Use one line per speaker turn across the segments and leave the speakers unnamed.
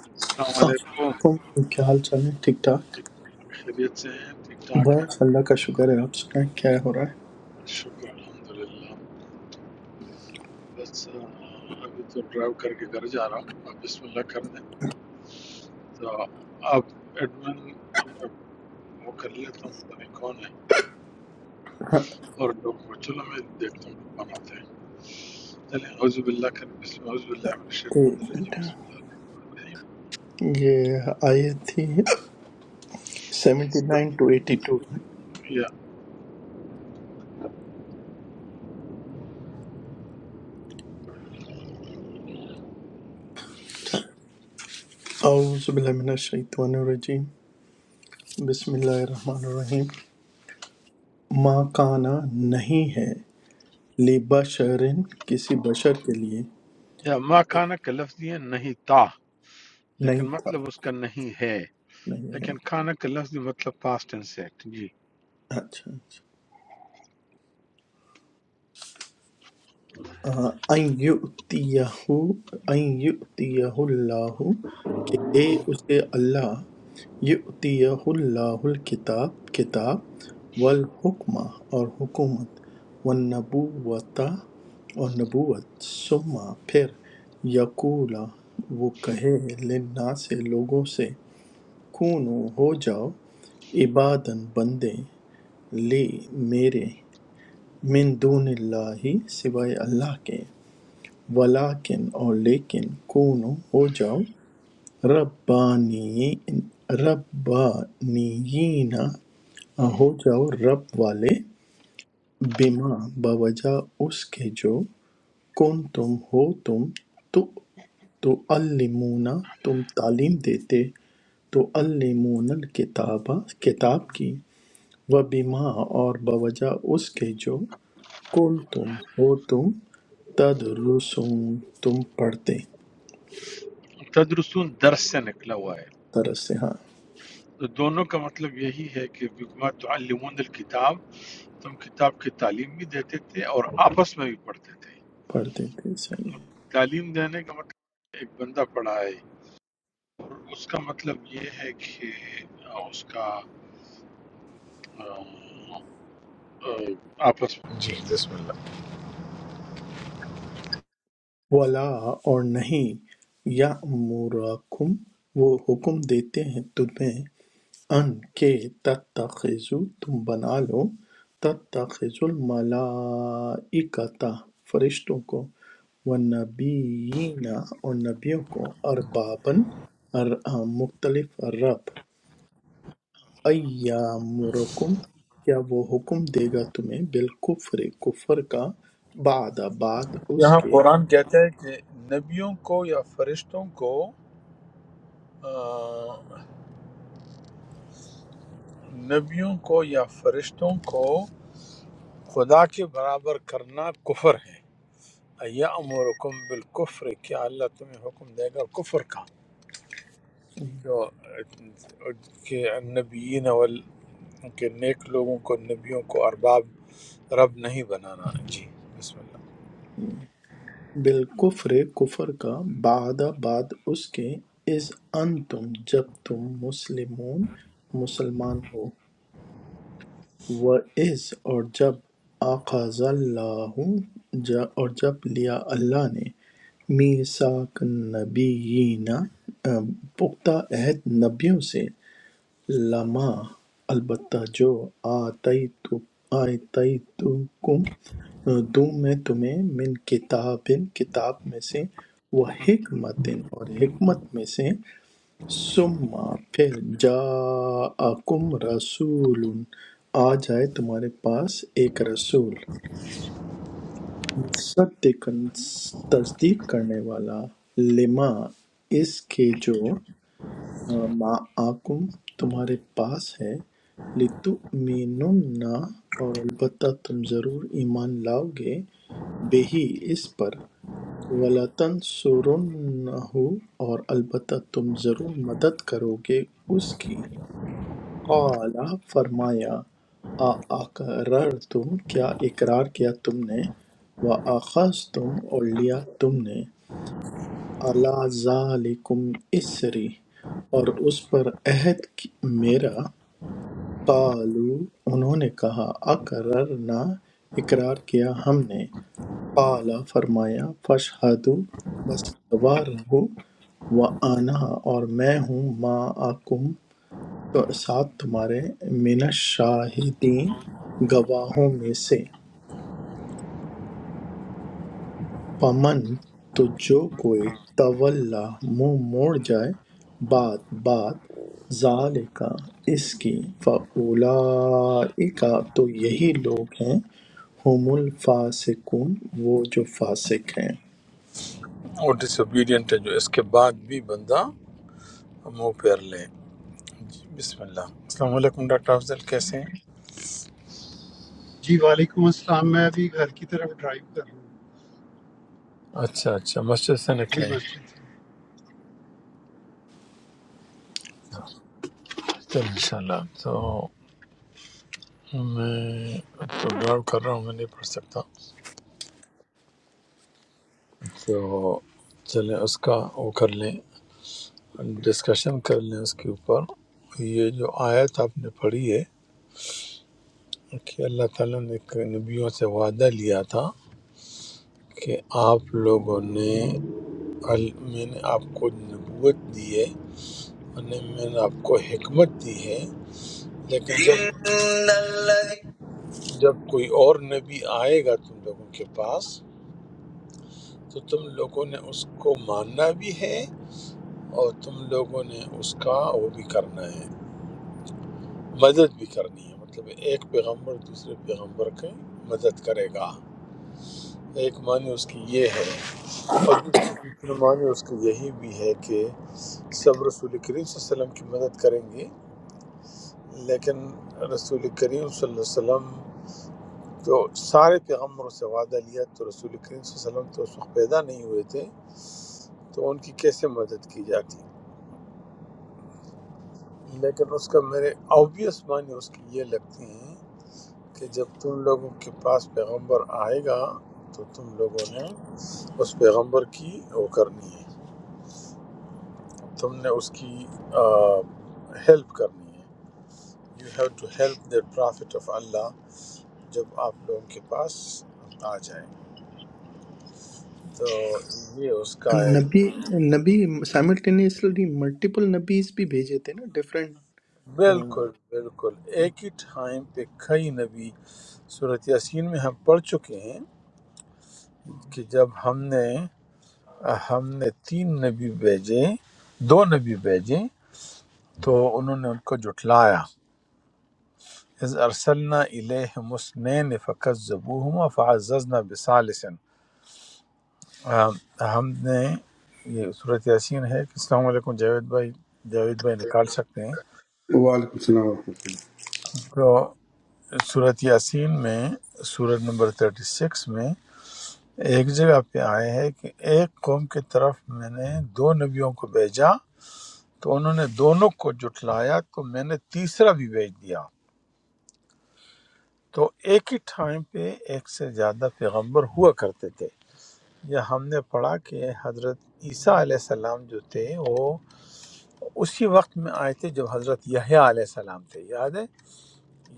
السلام
السلام
علیکم السلام
علیکم کیا حال چال ہے ٹھیک
علیکم
ٹھاک
ٹھیک ٹھاک خیریت سے ہیں ٹھیک ٹھاک ہیں
بس اللہ کا شکر ہے آپ سنائیں کیا ہو رہا ہے
شکر الحمد للہ بس آ، ابھی تو ڈرائیو کر کے گھر جا رہا ہوں آپ بسم اللہ کر دیں تو آپ ایڈمن آپ وہ کر لیتا ہوں پتہ نہیں کون ہے
ہاں،
اور لوگ کو چلو میں دیکھتا ہوں کون آتے ہیں چلیں اعوذ باللہ کر بسم اعوذ باللہ من
ایک
الشیطان
منٹ
الرجیم بسم اللہ الرحمن
یہ آیت تھی سیونٹی
الرحیم
نائن ٹو ایٹی ٹو
یا
اعوذ باللہ من الشیطان الرجیم بسم اللہ الرحمن الرحیم ما کانا نہیں ہے لبشرن کسی بشر کے لیے
یا ما کانا کا لفظ یہ نہیں تھا
نہیں
لیکن
تھا
مطلب اس کا نہیں ہے
نہیں ہے
لیکن کانا کا لفظ مطلب پاسٹ ٹینس ہے جی
اچھا اچھا آ، ان یؤتیہ ان یؤتیہ اللہ دے اسے اللہ یؤتیہ اللہ الکتاب کتاب والحکمہ اور حکومت والنبوۃ اور نبوت ثم پھر یقول وہ کہے للناس سے لوگوں سے کونو ہو جاؤ عبادن بندے لی میرے من دون اللہ سوائے اللہ کے ولیکن اور لیکن کونو ہو جاؤ ربانی ربانیین ہو جاؤ رب والے بما بوجہ اس کے جو کن تم ہو تم تعلمون تم تعلیم دیتے تعلمون الکتاب کتاب کی و بما اور بوجہ اس کے جو کن تم ہو تم تدرسون تم پڑھتے
تدرسون درس سے نکلا ہوا ہے
درس سے ہاں
تو دونوں کا مطلب یہی ہے کہ بما تعلمون الکتاب تم کتاب کی تعلیم بھی دیتے تھے اور آپس میں بھی پڑھتے تھے
پڑھتے تھے صحیح
تعلیم دینے کا مطلب ایک بندہ پڑھا ہے اور اس کا مطلب یہ ہے کہ اس کا آم، آم، آپس میں جی بسم اللہ
ہے ولا اور نہیں یا وہ حکم دیتے ہیں تمہیں ان کے تتخذوا تم بنا لو تتخذوا الملائکۃ فرشتوں کو والنبیین اور نبیوں کو اربابن مختلف رب ایامرکم کیا وہ حکم دے گا تمہیں بالکفر کفر کا بعد بعد اس
یہاں
کے
قرآن کہتا ہے کہ نبیوں کو یا فرشتوں کو آ، نبیوں کو یا فرشتوں کو خدا کے برابر کرنا کفر ہے یامرکم بالکفر کیا اللہ تمہیں حکم دے گا کفر کا جو کہ نبیین وال کہ نیک لوگوں کو نبیوں کو ارباب رب نہیں بنانا جی بسم اللہ
بالکفر کفر کا بعد بعد اس کے اذ انتم جب تم مسلمون مسلمان ہو وَإِذْ اور جب آخذ اللہ جا اور جب لیا اللہ نے میثاق النبیین آ، پختہ عہد نبیوں سے لَمَّا البتہ جو آتَیْتُکُم دوں میں تمہیں من کتابٍ کتاب میں سے و حکمتٍ اور حکمت میں سے ثم پھر جاءکم رسول آ جائے تمہارے پاس ایک رسول مصدقاً تصدیق کرنے والا لما اس کے جو مَا آکُم تمہارے پاس ہے لِتُؤْمِنُنَّ اور البتہ تم ضرور ایمان لاؤ گے بِہِ اس پر وَلَتَنْصُرُنَّهُ اور البتہ تم ضرور مدد کرو گے اس کی قال فرمایا اقرر تم کیا اقرار کیا تم نے وَأَخَذْتُمْ اور لیا تم نے عَلَىٰ ذَٰلِكُمْ إِصْرِي اور اس پر عہد کی- میرا قَالُوا انہوں نے کہا اقررنا اقرار کیا ہم نے قَالَ فرمایا فَاشْهَدُوا بس گواہ رہو وَأَنَا اور میں ہوں مَعَكُمْ تو ساتھ تمہارے من الشاہدین گواہوں میں سے فَمَن تو جو کوئی طَوَلّٰی منہ موڑ جائے بَعْد بَعد ذَلِکَ اس کی فَأُولَٰئِکَ تو یہی لوگ ہیں ہُمُ الْفَاسِقُونَ وہ جو فاسق ہیں
اور ڈس اوبیڈینٹ ہے جو اس کے بعد بھی بندہ منہ پیر لے جی بسم اللہ السلام علیکم ڈاکٹر افضل کیسے ہیں
جی وعلیکم السلام میں ابھی گھر کی طرف ڈرائیو کر رہا ہوں
اچھا اچھا مسجد سے
جی
نکلے
مسجد سے۔
چل انشاءاللہ تو میں پروگرام کر رہا ہوں میں نہیں پڑھ سکتا تو چلیں اس کا وہ کر لیں ڈسکشن کر لیں اس کے اوپر یہ جو آیت آپ نے پڑھی ہے کہ اللہ تعالیٰ نے کہ نبیوں سے وعدہ لیا تھا کہ آپ لوگوں نے ال- میں نے آپ کو نبوت دی ہے اور نے- میں نے آپ کو حکمت دی ہے لیکن جب جب کوئی اور نبی آئے گا تم لوگوں کے پاس تو تم لوگوں نے اس کو ماننا بھی ہے اور تم لوگوں نے اس کا وہ بھی کرنا ہے مدد بھی کرنی ہے مطلب ایک پیغمبر دوسرے پیغمبر کی مدد کرے گا ایک معنی اس کی یہ ہے اور دوسرا معنی اس کی یہی بھی ہے کہ سب رسول کریم صلی اللہ علیہ وسلم کی مدد کریں گے لیکن رسول کریم صلی اللہ علیہ وسلم تو سارے پیغمبروں سے وعدہ لیا تو رسول کریم صلی اللہ علیہ وسلم تو اس وقت پیدا نہیں ہوئے تھے تو ان کی کیسے مدد کی جاتی لیکن اس کا میرے اوبیس معنی اس کی یہ لگتے ہیں کہ جب تم لوگوں کے پاس پیغمبر آئے گا تو تم لوگوں نے اس پیغمبر کی وہ کرنی ہے تم نے اس کی ہیلپ کرنی ہے you have to help the prophet of Allah جب آپ لوگوں کے پاس آ جائے تو یہ اس کا ایک
نبی نبی سائملٹینیسلی ملٹیپل نبیز بھی بھیجے تھے نا ڈفرینٹ
بالکل بالکل ایک ہی ٹائم پہ کئی نبی صورت یاسین میں ہم پڑھ چکے ہیں کہ جب ہم نے ہم نے تین نبی بھیجے دو نبی بھیجے تو انہوں نے ان کو جھٹلایا اذ ارسلنا الیہم اسنین فکذبوہما فعززنا بثالثن آم، ہم نے یہ صورت یاسین ہے السلام علیکم جاوید بھائی جاوید بھائی نکال سکتے ہیں
وعلیکم السلام ورحمۃ
تو صورت یاسین میں صورت نمبر 36 میں ایک جگہ پہ آئے ہے کہ ایک قوم کی طرف میں نے دو نبیوں کو بھیجا تو انہوں نے دونوں کو جھٹلایا تو میں نے تیسرا بھی بھیج دیا تو ایک ہی ٹائم پہ ایک سے زیادہ پیغمبر ہوا کرتے تھے یہ ہم نے پڑھا کہ حضرت عیسیٰ علیہ السلام جو تھے وہ اسی وقت میں آئے تھے جب حضرت یحییٰ علیہ السلام تھے یاد ہے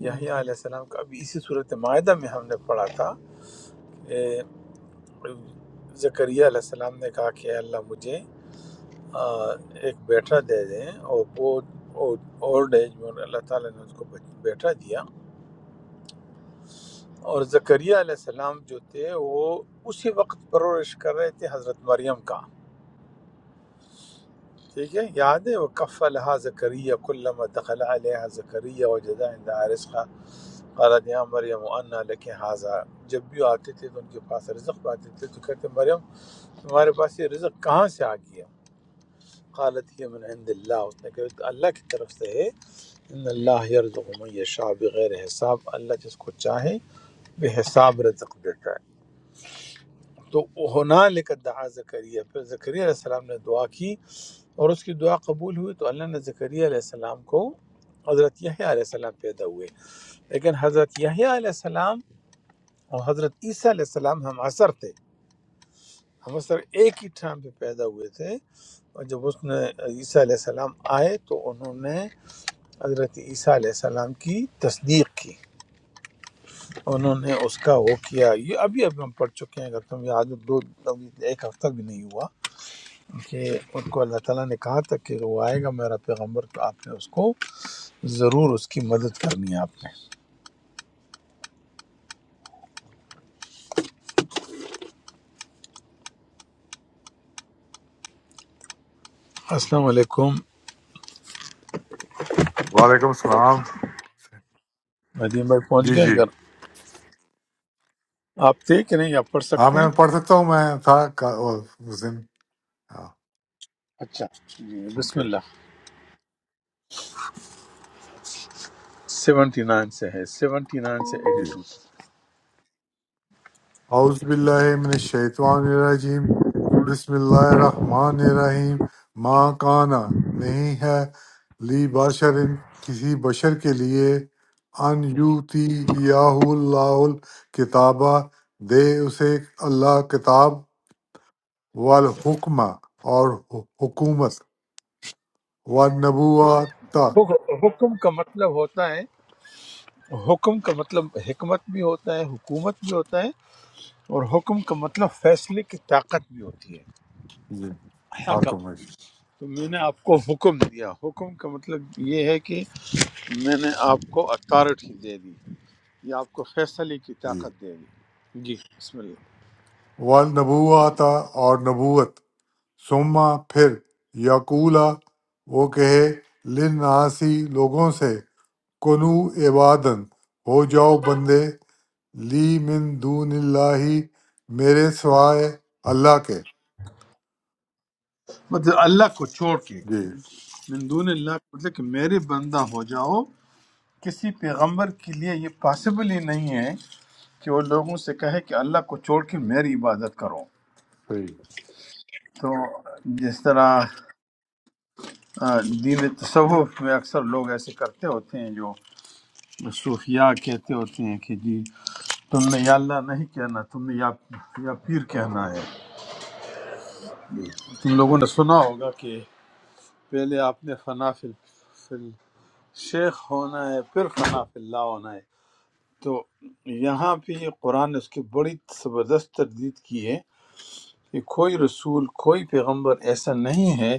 یحییٰ علیہ السلام کا ابھی اسی صورت معاہدہ میں ہم نے پڑھا تھا کہ زکریا علیہ السلام نے کہا کہ اے اللہ مجھے آ، ایک بیٹا دے دیں اور وہ اولڈ ایج میں اللہ تعالیٰ نے اس کو بیٹا دیا اور زکریا علیہ السلام جو تھے وہ اسی وقت پرورش کر رہے تھے حضرت مریم کا ٹھیک ہے یاد ہے وہ کف الحا زکریہ کلم دخل علیہ زکریہ و جدا اندہ رزقا قالت یا مریم انا لک حاضا جب بھی آتے تھے تو ان کے پاس رزق پاتے تھے تو کہتے مریم تمہارے پاس یہ رزق کہاں سے آ گیا قالت یہ من عند اللہ اس نے کہا یہ تو اللہ کی طرف سے ہے ان اللہ یرزق من یشاء بغیر حساب اللہ جس کو چاہے بے حساب رزق دیتا ہے تو ہونا لے کر دعا زکریہ پھر زکریہ علیہ السلام نے دعا کی اور اس کی دعا قبول ہوئی تو اللہ نے زکریہ علیہ السلام کو حضرت یحییٰ علیہ السلام پیدا ہوئے لیکن حضرت یحییٰ علیہ السلام اور حضرت عیسیٰ علیہ السلام ہم عصر تھے ہم عصر ایک ہی ٹھان پہ پیدا ہوئے تھے اور جب اس نے عیسیٰ علیہ السلام آئے تو انہوں نے حضرت عیسیٰ علیہ السلام کی تصدیق کی انہوں نے اس کا وہ کیا یہ ابھی ابھی ہم پڑھ چکے ہیں اگر تم یاد ہو دو ابھی ایک ہفتہ بھی نہیں ہوا کہ ان کو اللہ تعالیٰ نے کہا تھا کہ وہ آئے گا میرا پیغمبر تو آپ نے اس کو ضرور اس کی مدد کرنی ہے آپ نے السلام علیکم
وعلیکم السلام
ندیم بھائی پہنچ
جی
گئے
جی
اگر آپ تھے کہ نہیں آپ پڑھ
ہاں
سکتے
میں
ہیں
پڑھ سکتا ہوں میں تھا کا- وہ اس دن ہاں
اچھا جی بسم
اوکے
اللہ سیونٹی نائن سے ہے سیونٹی نائن سے
جی
ایٹی
اعوذ باللہ من الشیطان الرجیم بسم اللہ الرحمن الرحیم ماں کانا نہیں ہے لی بشر کسی بشر کے لیے ان یوتی یاہ اللہ کتابہ دے اسے اللہ کتاب والحکمہ اور حکومت والنبوات
ٹو حکم کا مطلب ہوتا ہے حکم کا مطلب حکمت بھی ہوتا ہے حکومت بھی ہوتا ہے اور حکم کا مطلب فیصلے کی طاقت بھی ہوتی
جی
ہے حکم
حاکم
تو
ہے۔
میں نے آپ کو حکم دیا حکم کا مطلب یہ ہے کہ میں نے آپ کو اتھارٹی دے دی یا آپ کو فیصلے کی
جی
طاقت دے دی جی بسم اللہ
والنبوتا اور نبوت ثم پھر یقولا وہ کہے لناسی لوگوں سے کنو عبادن ہو جاؤ بندے لی من دون اللہ میرے سوائے اللہ کے
مطلب اللہ کو چھوڑ کے
جی
من دون اللہ کا مطلب کہ میرے بندہ ہو جاؤ کسی پیغمبر کے لیے یہ پاسبل ہی نہیں ہے کہ وہ لوگوں سے کہے کہ اللہ کو چھوڑ کے میری عبادت کرو
صحیح
تو جس طرح آ، دین تصوف میں اکثر لوگ ایسے کرتے ہوتے ہیں جو صوفیاء کہتے ہوتے ہیں کہ جی تم نے یا اللہ نہیں کہنا تم نے یا, یا پیر کہنا ہے
جی
تم لوگوں نے سنا ہوگا کہ پہلے آپ نے فنا فی فی شیخ ہونا ہے پھر فنا فی اللہ ہونا ہے تو یہاں پہ یہ قرآن نے اس کی بڑی زبردست تردید کی ہے کہ کوئی رسول کوئی پیغمبر ایسا نہیں ہے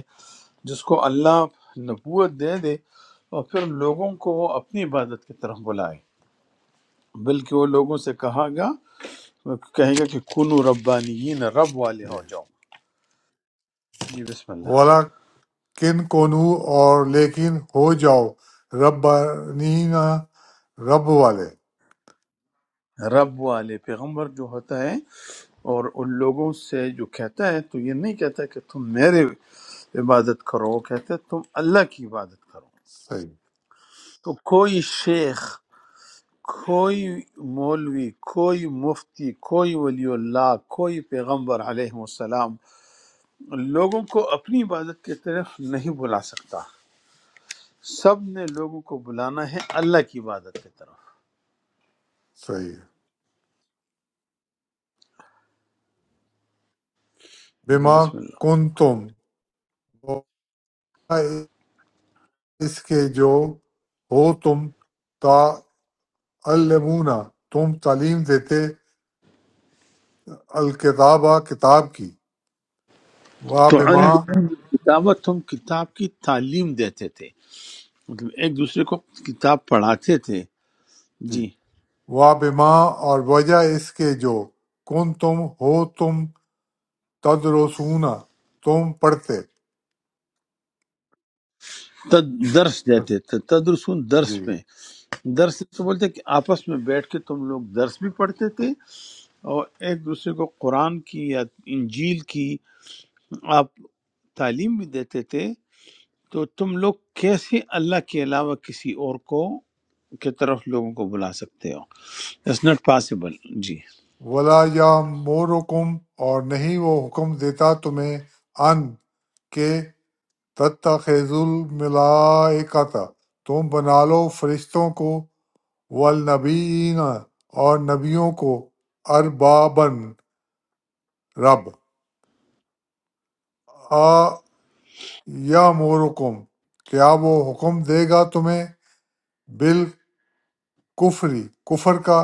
جس کو اللہ نبوت دے دے اور پھر لوگوں کو وہ اپنی عبادت کی طرف بلائے بلکہ وہ لوگوں سے کہا گا کہے گا کہ کنو ربانیین رب والے
جی۔
ہو جاؤ جی بسم اللہ
والا کن کونو اور لیکن ہو جاؤ ربانینا رب والے
رب والے پیغمبر جو ہوتا ہے اور ان لوگوں سے جو کہتا ہے تو یہ نہیں کہتا کہ تم میرے عبادت کرو وہ کہتا ہے تم اللہ کی عبادت کرو
صحیح
تو کوئی شیخ کوئی مولوی کوئی مفتی کوئی ولی اللہ کوئی پیغمبر علیہ السلام لوگوں کو اپنی عبادت کی طرف نہیں بلا سکتا سب نے لوگوں کو بلانا ہے اللہ کی عبادت کی طرف
صحیح
جی
بما
بسم اللہ
کن تم اس کے جو ہو تم تعلمون تم تعلیم دیتے الکتابہ کتاب کی وا
تو ان
بما
کتابت ہم کتاب کی تعلیم دیتے تھے مطلب ایک دوسرے کو کتاب پڑھاتے تھے
جی
جی
وا بما اور وجہ اس کے جو کن تم ہو تم تدرسون تم پڑھتے
تد- درس دیتے تھے تدرسون درس
جی
میں درس سے بولتے ہیں کہ آپس میں بیٹھ کے تم لوگ درس بھی پڑھتے تھے اور ایک دوسرے کو قرآن کی یا انجیل کی آپ تعلیم بھی دیتے تھے تو تم لوگ کیسے اللہ کے علاوہ کسی اور کو کی طرف لوگوں کو بلا سکتے ہو اٹس ناٹ پاسبل جی
ولا یا مورکم اور نہیں وہ حکم دیتا تمہیں ان کہ تتخذ الملائکہ تم بنا لو فرشتوں کو والنبیین اور نبیوں کو اربابن رب آ یا مورکم کیا وہ حکم دے گا تمہیں بالکفری کفر کا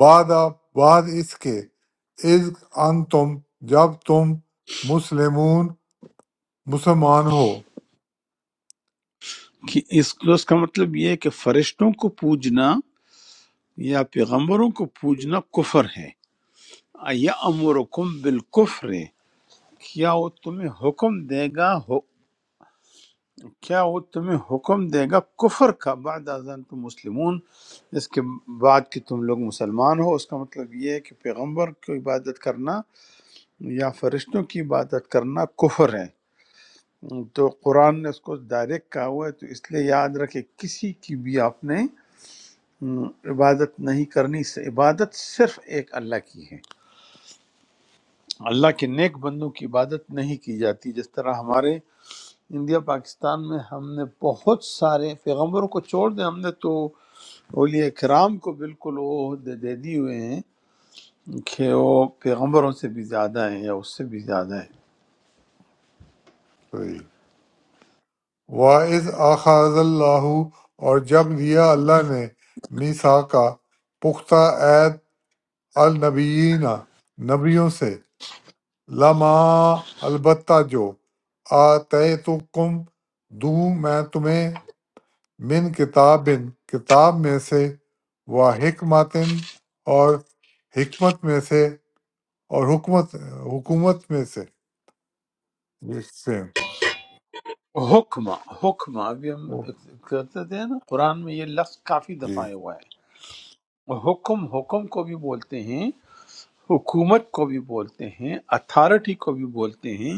بعد بعد اس کے از ان تم جب تم مسلمون مسلمان ہو
کہ اس تو اس کا مطلب یہ ہے کہ فرشتوں کو پوجنا یا پیغمبروں کو پوجنا کفر ہے یا امرکم بالکفر ہے، کیا وہ تمہیں حکم دے گا ہو- کیا وہ تمہیں حکم دے گا کفر کا بعد ازن تم مسلمون اس کے بعد کہ تم لوگ مسلمان ہو اس کا مطلب یہ ہے کہ پیغمبر کی عبادت کرنا یا فرشتوں کی عبادت کرنا کفر ہے تو قرآن نے اس کو ڈائریکٹ کہا ہوا ہے تو اس لیے یاد رکھے کسی کی بھی آپ نے ہم، عبادت نہیں کرنی عبادت صرف ایک اللہ کی ہے اللہ کے نیک بندوں کی عبادت نہیں کی جاتی جس طرح ہمارے انڈیا پاکستان میں ہم نے بہت سارے پیغمبروں کو چھوڑ دیں ہم نے تو اولیاء کرام کو بالکل وہ عہدے دے دی ہوئے ہیں کہ وہ پیغمبروں سے بھی زیادہ ہیں یا اس سے بھی زیادہ ہیں
صحیح۔ وَإِذْ أَخَذَ اللَّهُ اور جب لیا اللہ نے میسا کا پختہ عید النبیین نبیوں سے لما البتہ جو آتے تو کم دوں میں تمہیں من کتاب کتاب میں سے و حکمتن اور حکمت میں سے اور حکمت حکومت میں سے جس سے-
حکمہ حکمہ ابھی ہم کرتے تھے نا قرآن میں یہ لفظ کافی
جی
دفعہ آیا ہوا ہے حکم حکم کو بھی بولتے ہیں حکومت کو بھی بولتے ہیں اتھارٹی کو بھی بولتے ہیں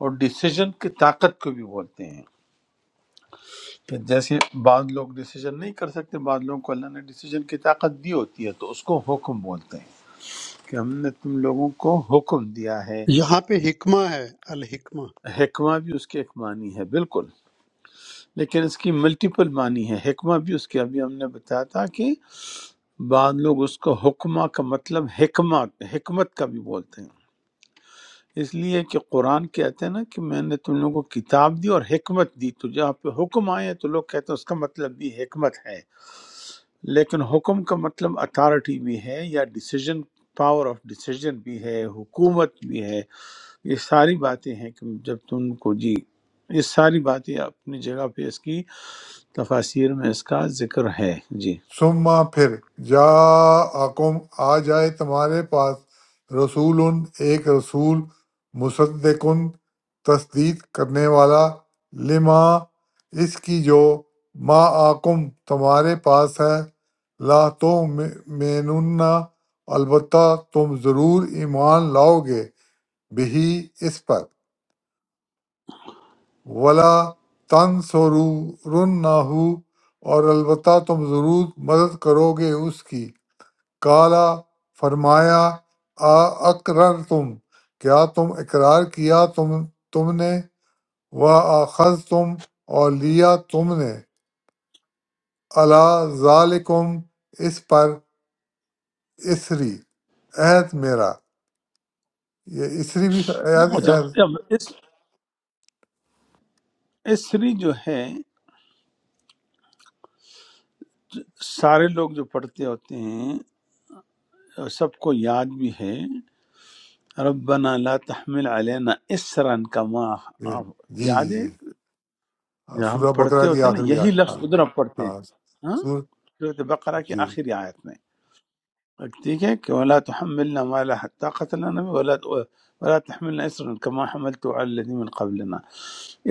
اور ڈیسیجن کی طاقت کو بھی بولتے ہیں کہ جیسے بعض لوگ ڈیسیجن نہیں کر سکتے بعض لوگوں کو اللہ نے ڈیسیجن کی طاقت دی ہوتی ہے تو اس کو حکم بولتے ہیں کہ ہم نے تم لوگوں کو حکم دیا ہے
یہاں پہ حکمہ ہے الحکمہ
حکمہ بھی اس کے ایک معنی ہے بالکل لیکن اس کی ملٹیپل معنی ہے حکمہ بھی اس کے ابھی ہم نے بتایا تھا کہ بعض لوگ اس کو حکمہ کا مطلب حکمت حکمت کا بھی بولتے ہیں اس لیے کہ قرآن کہتے ہیں نا کہ میں نے تم لوگوں کو کتاب دی اور حکمت دی تو جہاں پہ حکم آئے ہیں تو لوگ کہتے ہیں اس کا مطلب بھی حکمت ہے لیکن حکم کا مطلب اتھارٹی بھی ہے یا ڈیسیجن پاور آف ڈیسیجن بھی ہے حکومت بھی ہے یہ ساری باتیں ہیں کہ جب تم کو جی یہ ساری باتیں اپنی جگہ پہ اس کی تفاسیر میں اس کا ذکر ہے جی
ثم پھر جاءکم آ جائے تمہارے پاس رسول ایک رسول مصدق تصدیق کرنے والا لما اس کی جو ما آکم تمہارے پاس ہے لا تو مینن البتہ تم ضرور ایمان لاؤ گے بھی اس پر ولا تن سرو نہ ہو اور البتہ تم ضرور مدد کرو گے اس کی کالا فرمایا آ اقرر تم کیا تم اقرار کیا تم تم نے و آخذ تم اور لیا تم نے اللہ ذالکم اس پر اسری عہد میرا یہ اسری بھی عہد
اچھا
عہد-
اب اس اسری جو ہے سارے لوگ جو پڑھتے ہوتے ہیں سب کو یاد بھی ہے ربنا لا تحمل علینا اسرا کما
جی جی
یاد ہے
جی ہاں،
جو ہم
سورہ بقرہ
پڑھتے
کی
ہوتے ہیں نا
آخری
یہی
آیت ہاں
لفظ ادھر ہم پڑھتے ہیں
ہاں
ہاں؟
سور
صورت بقرہ کی
جی
آخری آیت میں ٹھیک ہے کہ ولا تحملنا ما لا حتى قتلنا نبی ولا ولا تحملنا اسرا كما حملت على الذين من قبلنا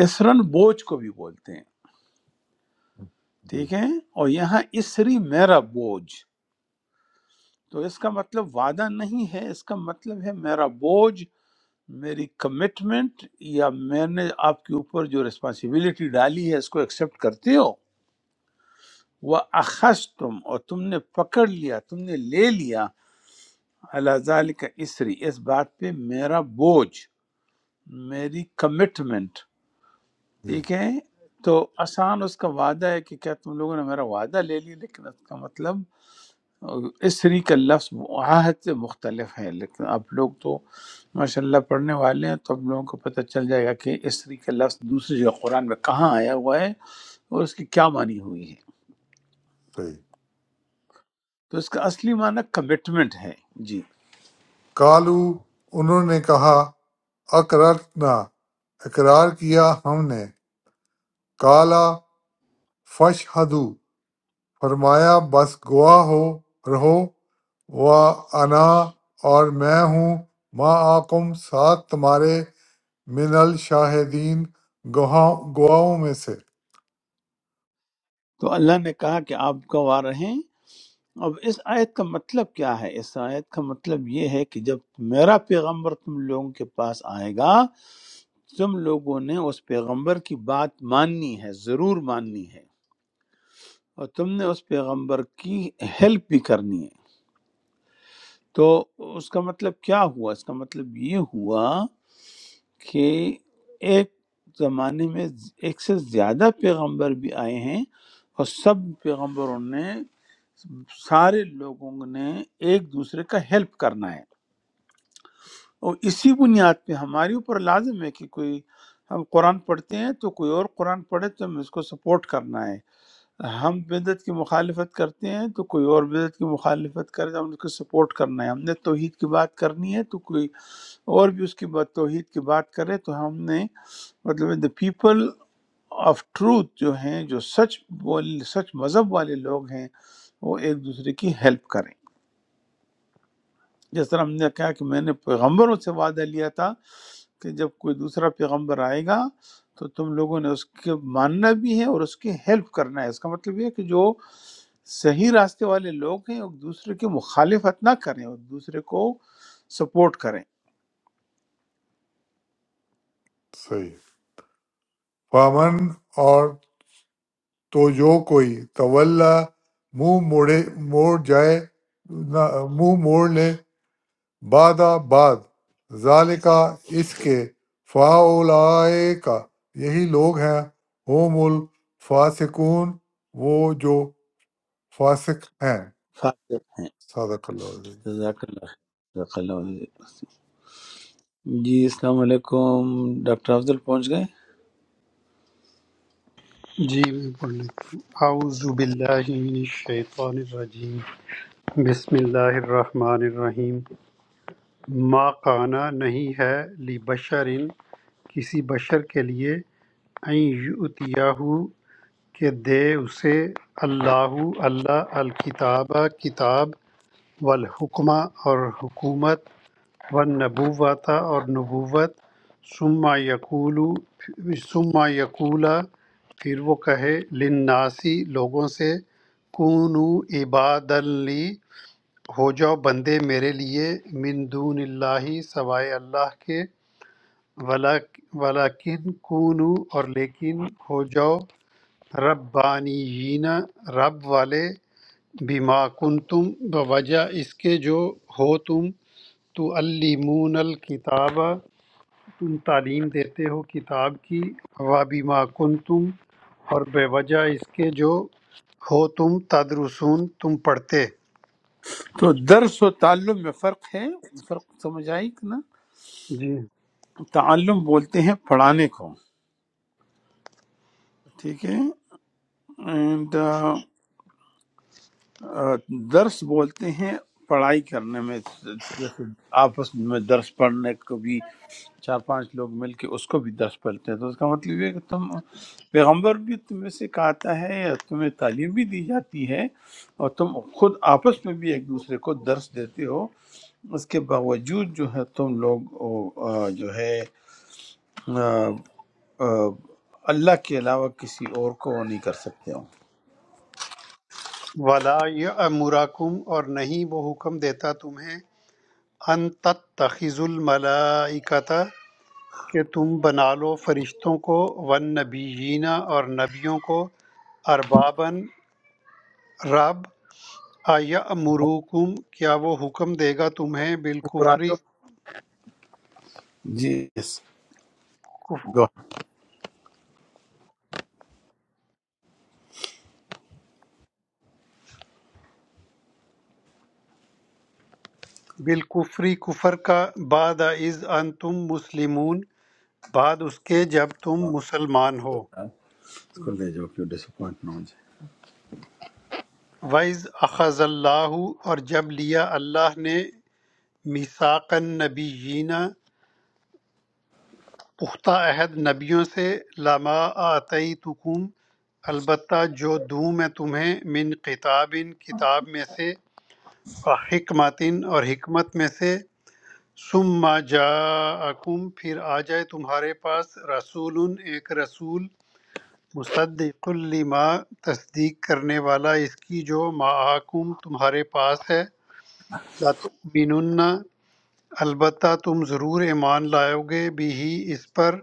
اسرن بوجھ کو بھی بولتے ہیں
جی
ٹھیک ہے اور یہاں اسری میرا بوجھ تو اس کا مطلب وعدہ نہیں ہے اس کا مطلب ہے میرا بوجھ میری کمٹمنٹ یا میں نے آپ کے اوپر جو رسپانسبلٹی ڈالی ہے اس کو ایکسیپٹ کرتے ہو وہ اخذ تم اور تم نے پکڑ لیا تم نے لے لیا اللہ ذالک اسری اس بات پہ میرا بوجھ میری کمٹمنٹ
جی
ٹھیک ہے تو آسان اس کا وعدہ ہے کہ کیا تم لوگوں نے میرا وعدہ لے لی لیکن اس کا مطلب اسری کا لفظ عہد سے مختلف ہے لیکن آپ لوگ تو ماشاءاللہ پڑھنے والے ہیں تو آپ لوگوں کو پتہ چل جائے گا کہ اسری کا لفظ دوسری جگہ قرآن میں کہاں آیا ہوا ہے اور اس کی کیا معنی ہوئی ہے
صحیح
تو اس کا اصلی معنی کمٹمنٹ ہے جی
قَالُوا انہوں نے کہا اَقْرَرْنَا اقرار کیا ہم نے قَالَ فَاشْهَدُوا فرمایا بس گواہ ہو رہو وَأَنَا اور میں ہوں مَعَکُم ساتھ تمہارے من الشاہدین گواہوں گواہوں میں سے
تو اللہ نے کہا کہ آپ گواہ رہیں اب اس آیت کا مطلب کیا ہے اس آیت کا مطلب یہ ہے کہ جب میرا پیغمبر تم لوگوں کے پاس آئے گا تم لوگوں نے اس پیغمبر کی بات ماننی ہے ضرور ماننی ہے اور تم نے اس پیغمبر کی ہیلپ بھی کرنی ہے تو اس کا مطلب کیا ہوا اس کا مطلب یہ ہوا کہ ایک زمانے میں ایک سے زیادہ پیغمبر بھی آئے ہیں اور سب پیغمبروں نے سارے لوگوں نے ایک دوسرے کا ہیلپ کرنا ہے اور اسی بنیاد پہ ہمارے اوپر لازم ہے کہ کوئی ہم قرآن پڑھتے ہیں تو کوئی اور قرآن پڑھے تو ہمیں اس کو سپورٹ کرنا ہے ہم بدعت کی مخالفت کرتے ہیں تو کوئی اور بدعت کی مخالفت کرے تو ہم اس کو سپورٹ کرنا ہے ہم نے توحید کی بات کرنی ہے تو کوئی اور بھی اس کی بات توحید کی بات کرے تو ہم نے مطلب دا پیپل آف ٹروتھ جو ہیں جو سچ بول سچ مذہب والے لوگ ہیں وہ ایک دوسرے کی ہیلپ کریں۔ جس طرح ہم نے کہا کہ میں نے پیغمبروں سے وعدہ لیا تھا کہ جب کوئی دوسرا پیغمبر آئے گا تو تم لوگوں نے اس کے ماننا بھی ہے اور اس کی ہیلپ کرنا ہے اس کا مطلب یہ ہے کہ جو صحیح راستے والے لوگ ہیں وہ دوسرے کی مخالفت نہ کریں اور دوسرے کو سپورٹ کریں
صحیح فامن اور تو جو کوئی طول منہ موڑے موڑ جائے نہ- منہ موڑ لے بادہ بعد ذالکا اس کے فاولائے کا یہی لوگ ہیں ہوم الفاسقون وہ جو فاسق ہیں
فاطر ہیں
صادق اللہ العظیم۔
جزاک اللہ خیر۔ جزاک اللہ خیر۔ جی السلام علیکم ڈاکٹر افضل پہنچ گئے
جی میں پڑھ لیتا ہوں اعوذ باللہ من الشیطان الرجیم بسم اللہ الرحمن الرحیم ما کانا نہیں ہے لبشر کسی بشر کے لیے ان یؤتیہو کہ دے اسے اللہ اللہ الکتابہ کتاب والحکمہ اور حکومت والنبوة اور نبوت ثم یقول ثم یقولا پھر وہ کہے للناسی لوگوں سے کونو عباد لی ہو جاؤ بندے میرے لیے من دون اللہ سوائے اللہ کے ولا ولیکن کونو اور لیکن ہو جاؤ ربانیین رب والے بما کنتم بوجہ اس کے جو ہو تم تعلمون الکتاب تم تعلیم دیتے ہو کتاب کی وَبِمَا كُنْتُمْ اور بے وجہ اس کے جو ہو تم تدرسون تم پڑھتے
تو درس و تعلم میں فرق ہے فرق سمجھ آئی کہ نا
جی
تعلم بولتے ہیں پڑھانے کو ٹھیک ہے اینڈ درس بولتے ہیں پڑھائی کرنے میں جیسے آپس میں درس پڑھنے کو بھی چار پانچ لوگ مل کے اس کو بھی درس پڑھتے ہیں تو اس کا مطلب یہ ہے کہ تم پیغمبر بھی تم میں سے کہتا ہے اور تمہیں تعلیم بھی دی جاتی ہے اور تم خود آپس میں بھی ایک دوسرے کو درس دیتے ہو اس کے باوجود جو ہے تم لوگ وہ، آ، جو ہے آ، آ، اللہ کے علاوہ کسی اور کو وہ نہیں کر سکتے ہوں
ولا یامرکم اور نہیں وہ حکم دیتا تمہیں ان تتخذ الملائکتا کہ تم بنا لو فرشتوں کو والنبیین اور نبیوں کو اربابن رب آیا امروکم کیا وہ حکم دے گا تمہیں بالکفری
جی یس گو
بالکفر کفر کا بعد از انتم مسلمون بعد اس کے جب تم
اس
مسلمان ہو
کو لے جاؤ کیوں ڈسپوائنٹ نہ ہو جائے
وَإِذْ أَخَذَ اللَّهُ اور جب لیا اللہ نے مِيثَاقَ النَّبِيِّينَ پختہ عہد نبیوں سے لما آتَيْتُكُمْ البتہ جو دوں میں تمہیں من کتاب کتاب میں سے و حکمت اور حکمت میں سے ثم جاءکم پھر آ جائے تمہارے پاس رسول ایک رسول مصدق لما تصدیق کرنے والا اس کی جو معاکم تمہارے پاس ہے لا تؤمنن البتہ تم ضرور ایمان لاؤ گے بھی اس پر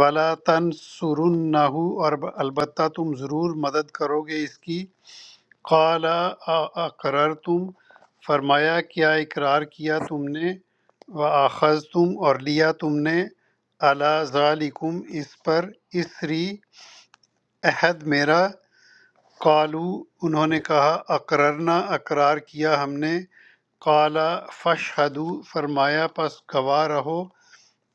ولا تنصرنہ اور البتہ تم ضرور مدد کرو گے اس کی قال اقرر تم فرمایا کیا اقرار کیا تم نے وآخذ تم اور لیا تم نے علی ذالکم اس پر اسری عہد میرا قالو انہوں نے کہا اقررنا اقرار کیا ہم نے قالا فشہدو فرمایا پس گواہ رہو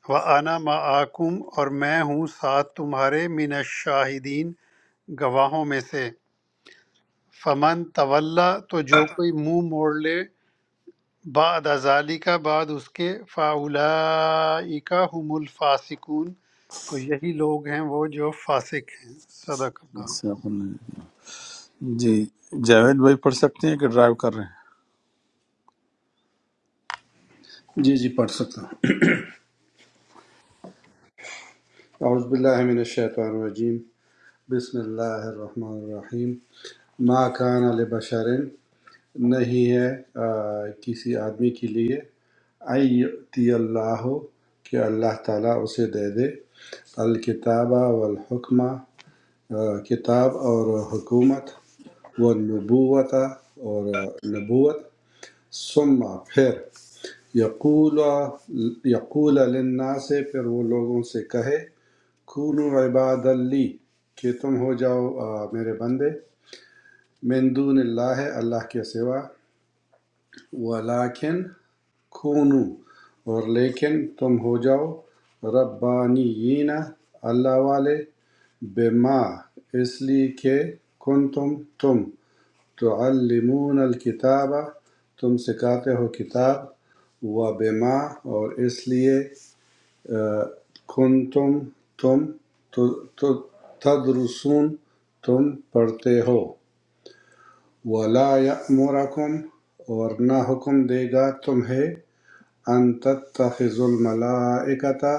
و انا معاکم اور میں ہوں ساتھ تمہارے من الشاہدین گواہوں میں سے فمن طولہ تو جو کوئی منہ موڑ لے بعد ازالی کا بعد اس کے فاولائکا ہم الفاسقون تو یہی لوگ ہیں وہ جو فاسق ہیں صدق اللہ
اس سے آپ نے- جی جاوید بھائی پڑھ سکتے ہیں کہ ڈرائیو کر رہے ہیں
اللہ۔ جی جی پڑھ سکتا ہوں اعوذ باللہ من الشیطان الرجیم بسم اللہ الرحمن الرحیم ما کان لبشر نہیں ہے آ، کسی آدمی کے لیے ایتی اللہ کہ اللہ تعالیٰ اسے دے دے الکتابہ والحکمہ آ، کتاب اور حکومت والنبوت اور آ، نبوت ثم پھر یقول یقول للناس سے پھر وہ لوگوں سے کہے کونو عباد اللی کہ تم ہو جاؤ آ، میرے بندے من دون اللہ اللہ کے سوا ولیکن کونو اور لیکن تم ہو جاؤ ربانیین اللہ والے بما اس لیے کہ کن تم تم تعلمون الکتاب تم سکھاتے ہو کتاب و بما اور اس لیے کنتم تم تدرسون تم پڑھتے ہو ولا یأمرکم اور نہ حکم دے گا تمہیں ان تتخذ الملائکتا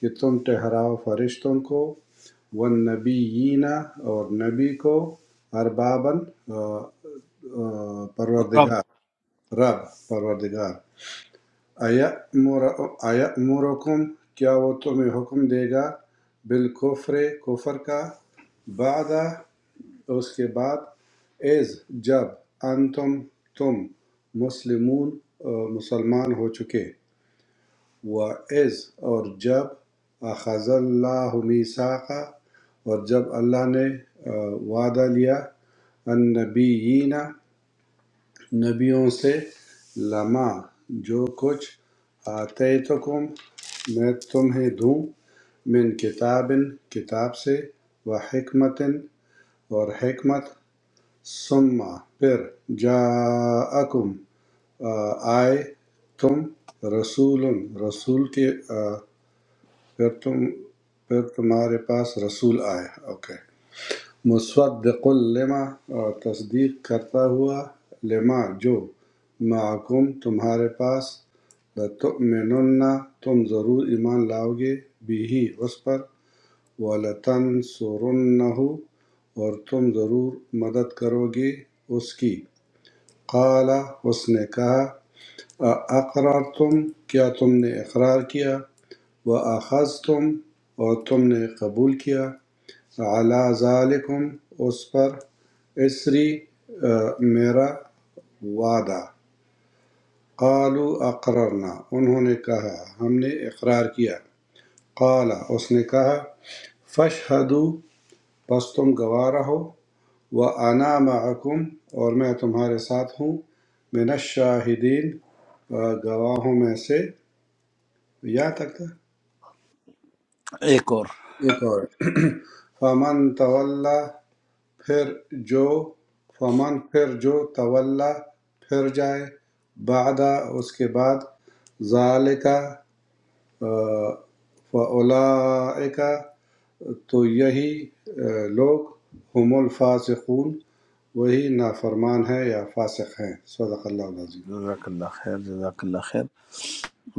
کہ تم ٹھہراؤ فرشتوں کو والنبیین اور نبی کو اربابن آ، آ،
اور اب
پروردگار رب پروردگار اَیَأْمُرُکُم کیا وہ تمہیں حکم دے گا بالکفر کفر کا بعد اس کے بعد اذ جب انتم تم مسلمون مسلمان ہو چکے و از اور جب اخذ اللہ میثاقا اور جب اللہ نے آ، وعدہ لیا النبیین نبیوں سے لما جو کچھ آتیتکم میں تمہیں دوں من کتاب کتاب سے و حکمت اور حکمت ثم پھر جاءکم آ، آئے تم رسول رسول کے آ، پھر تم پھر تمہارے پاس رسول آئے اوکے okay. مصدق لما اور تصدیق کرتا ہوا لما جو معکم تمہارے پاس لتؤمنن تم ضرور ایمان لاؤ گے بھی اس پر وَلَتَنْصُرُنَّهُ اور تم ضرور مدد کرو گے اس کی قال اس نے کہا اقرار تم کیا تم نے اقرار کیا و تم اور تم نے قبول کیا عَلَىٰ ذَٰلِکُمْ اس پر اِصْرِي میرا وعدہ قَالُوا اَقْرَرْنَا انہوں نے کہا ہم نے اقرار کیا قال اس نے کہا فَاشْهَدُوا پس تم گواہ رہو وَأَنَا مَعَكُمْ اور میں تمہارے ساتھ ہوں من الشاہدین آ، گواہوں میں سے یہاں تک تھا
ایک اور
ایک اور فَمَن تَوَلَّا پھر جو فَمَن پھر جو تولیٰ پھر جائے بعد اس کے بعد ذَلِکَ فَأُولَٰئِکَ تو یہی آ، لوگ ہم الفاسقون وہی نافرمان ہیں یا فاسق ہیں صدق اللہ العظیم
جزاک اللہ خیر جزاک اللہ خیر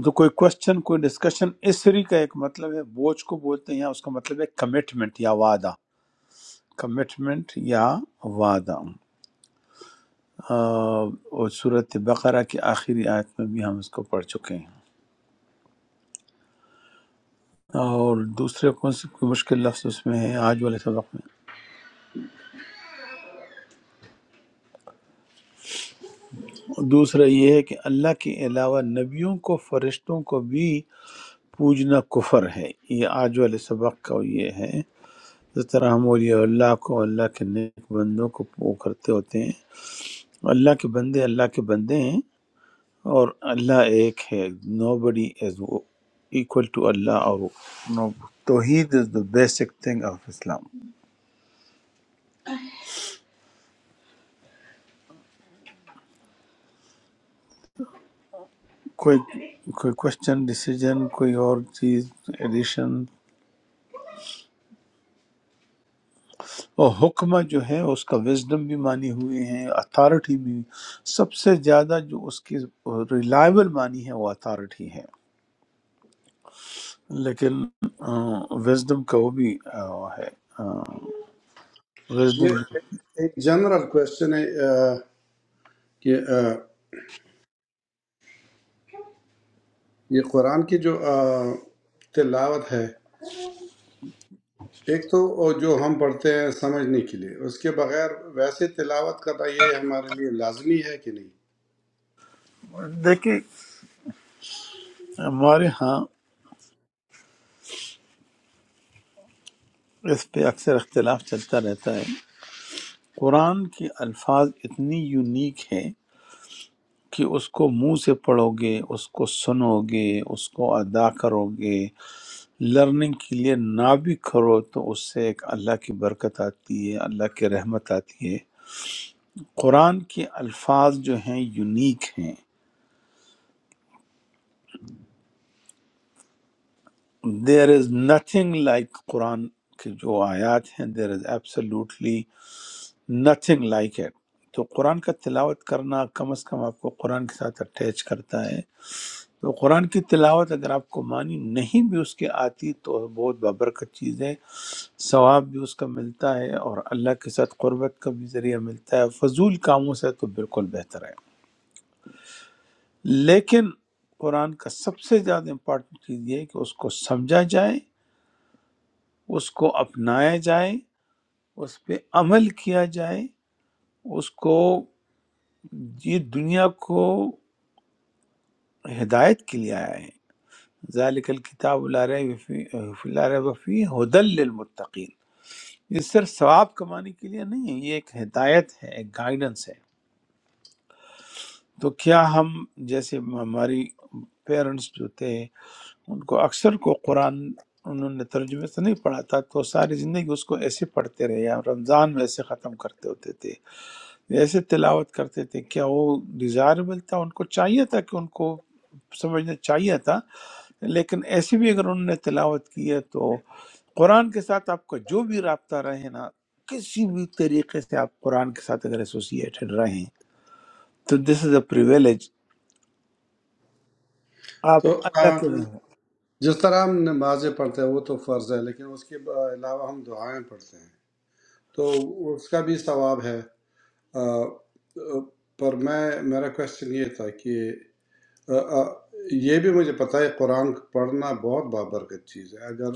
تو کوئی کوشچن کوئی ڈسکشن اسری کا ایک مطلب ہے بوجھ کو بولتے ہیں یا اس کا مطلب ہے کمٹمنٹ یا وعدہ کمٹمنٹ یا وعدہ آ، اور صورت بقرہ کی آخری آیت میں بھی ہم اس کو پڑھ چکے ہیں اور دوسرے کون سے کوئی مشکل لفظ اس میں ہے آج والے سبق میں دوسرا یہ ہے کہ اللہ کے علاوہ نبیوں کو فرشتوں کو بھی پوجنا کفر ہے یہ آج والے سبق کا یہ ہے جس طرح ہم اولیاء اللہ کو اللہ کے نیک بندوں کو وہ کرتے ہوتے ہیں اللہ کے بندے اللہ کے بندے ہیں اور اللہ ایک ہے نو بڈی از equal ٹو اللہ اور no- توحید is the basic thing of Islam کوئی کوئی کوشچن ڈیسیجن کوئی اور چیز ایڈیشن اور حکمہ جو ہے اس کا وزڈم بھی مانی ہوئے ہیں اتھارٹی بھی سب سے زیادہ جو اس کی ریلائبل مانی ہے وہ اتھارٹی ہے لیکن وزڈم کا وہ بھی آ، وہ ہے
یہ
وزڈم
ایک جنرل کویشچن ہے آ، کہ آ، یہ قرآن کی جو آ، تلاوت ہے ایک تو وہ جو ہم پڑھتے ہیں سمجھنے کے لیے اس کے بغیر ویسے تلاوت کرنا یہ ہمارے لیے لازمی ہے کہ نہیں
دیکھیں ہمارے ہاں اس پہ اکثر اختلاف چلتا رہتا ہے قرآن کے الفاظ اتنی یونیک ہیں کہ اس کو منہ سے پڑھو گے اس کو سنو گے اس کو ادا کرو گے لرننگ کے لیے نہ بھی کرو تو اس سے ایک اللہ کی برکت آتی ہے اللہ کی رحمت آتی ہے قرآن کے الفاظ جو ہیں یونیک ہیں دیر از نتھنگ لائک قرآن کے جو آیات ہیں there is absolutely nothing like it تو قرآن کا تلاوت کرنا کم از کم آپ کو قرآن کے ساتھ اٹیچ کرتا ہے تو قرآن کی تلاوت اگر آپ کو معنی نہیں بھی اس کے آتی تو بہت بابرکت چیز ہے ثواب بھی اس کا ملتا ہے اور اللہ کے ساتھ قربت کا بھی ذریعہ ملتا ہے فضول کاموں سے تو بالکل بہتر ہے لیکن قرآن کا سب سے زیادہ امپورٹنٹ چیز یہ ہے کہ اس کو سمجھا جائے اس کو اپنایا جائے اس پہ عمل کیا جائے اس کو یہ دنیا کو ہدایت کے لیے آیا ہے ذالک الکتاب لا ریب فی لا ریب فی ہدل للمتقین یہ صرف ثواب کمانے کے لیے نہیں ہے یہ ایک ہدایت ہے ایک گائیڈنس ہے تو کیا ہم جیسے ہماری پیرنٹس جو تھے ان کو اکثر کو قرآن انہوں نے ترجمے سے نہیں پڑھا تھا تو ساری زندگی اس کو ایسے پڑھتے رہے یا رمضان میں ایسے ختم کرتے ہوتے تھے ایسے تلاوت کرتے تھے کیا وہ ڈیزائربل تھا ان کو چاہیے تھا کہ ان کو سمجھنا چاہیے تھا لیکن ایسے بھی اگر انہوں نے تلاوت کی ہے تو قرآن کے ساتھ آپ کا جو بھی رابطہ رہے نا کسی بھی طریقے سے آپ قرآن کے ساتھ اگر ایسوسیٹڈ رہیں تو دس از اے پریویلیج آپ
تو آ،
اللہ کے میں
جس طرح ہم نمازیں پڑھتے ہیں وہ تو فرض ہے لیکن اس کے علاوہ ہم دعائیں پڑھتے ہیں تو اس کا بھی ثواب ہے آ، آ، پر میں میرا کوشچن یہ تھا کہ آ، آ، یہ بھی مجھے پتہ ہے قرآن پڑھنا بہت بابرکت چیز ہے اگر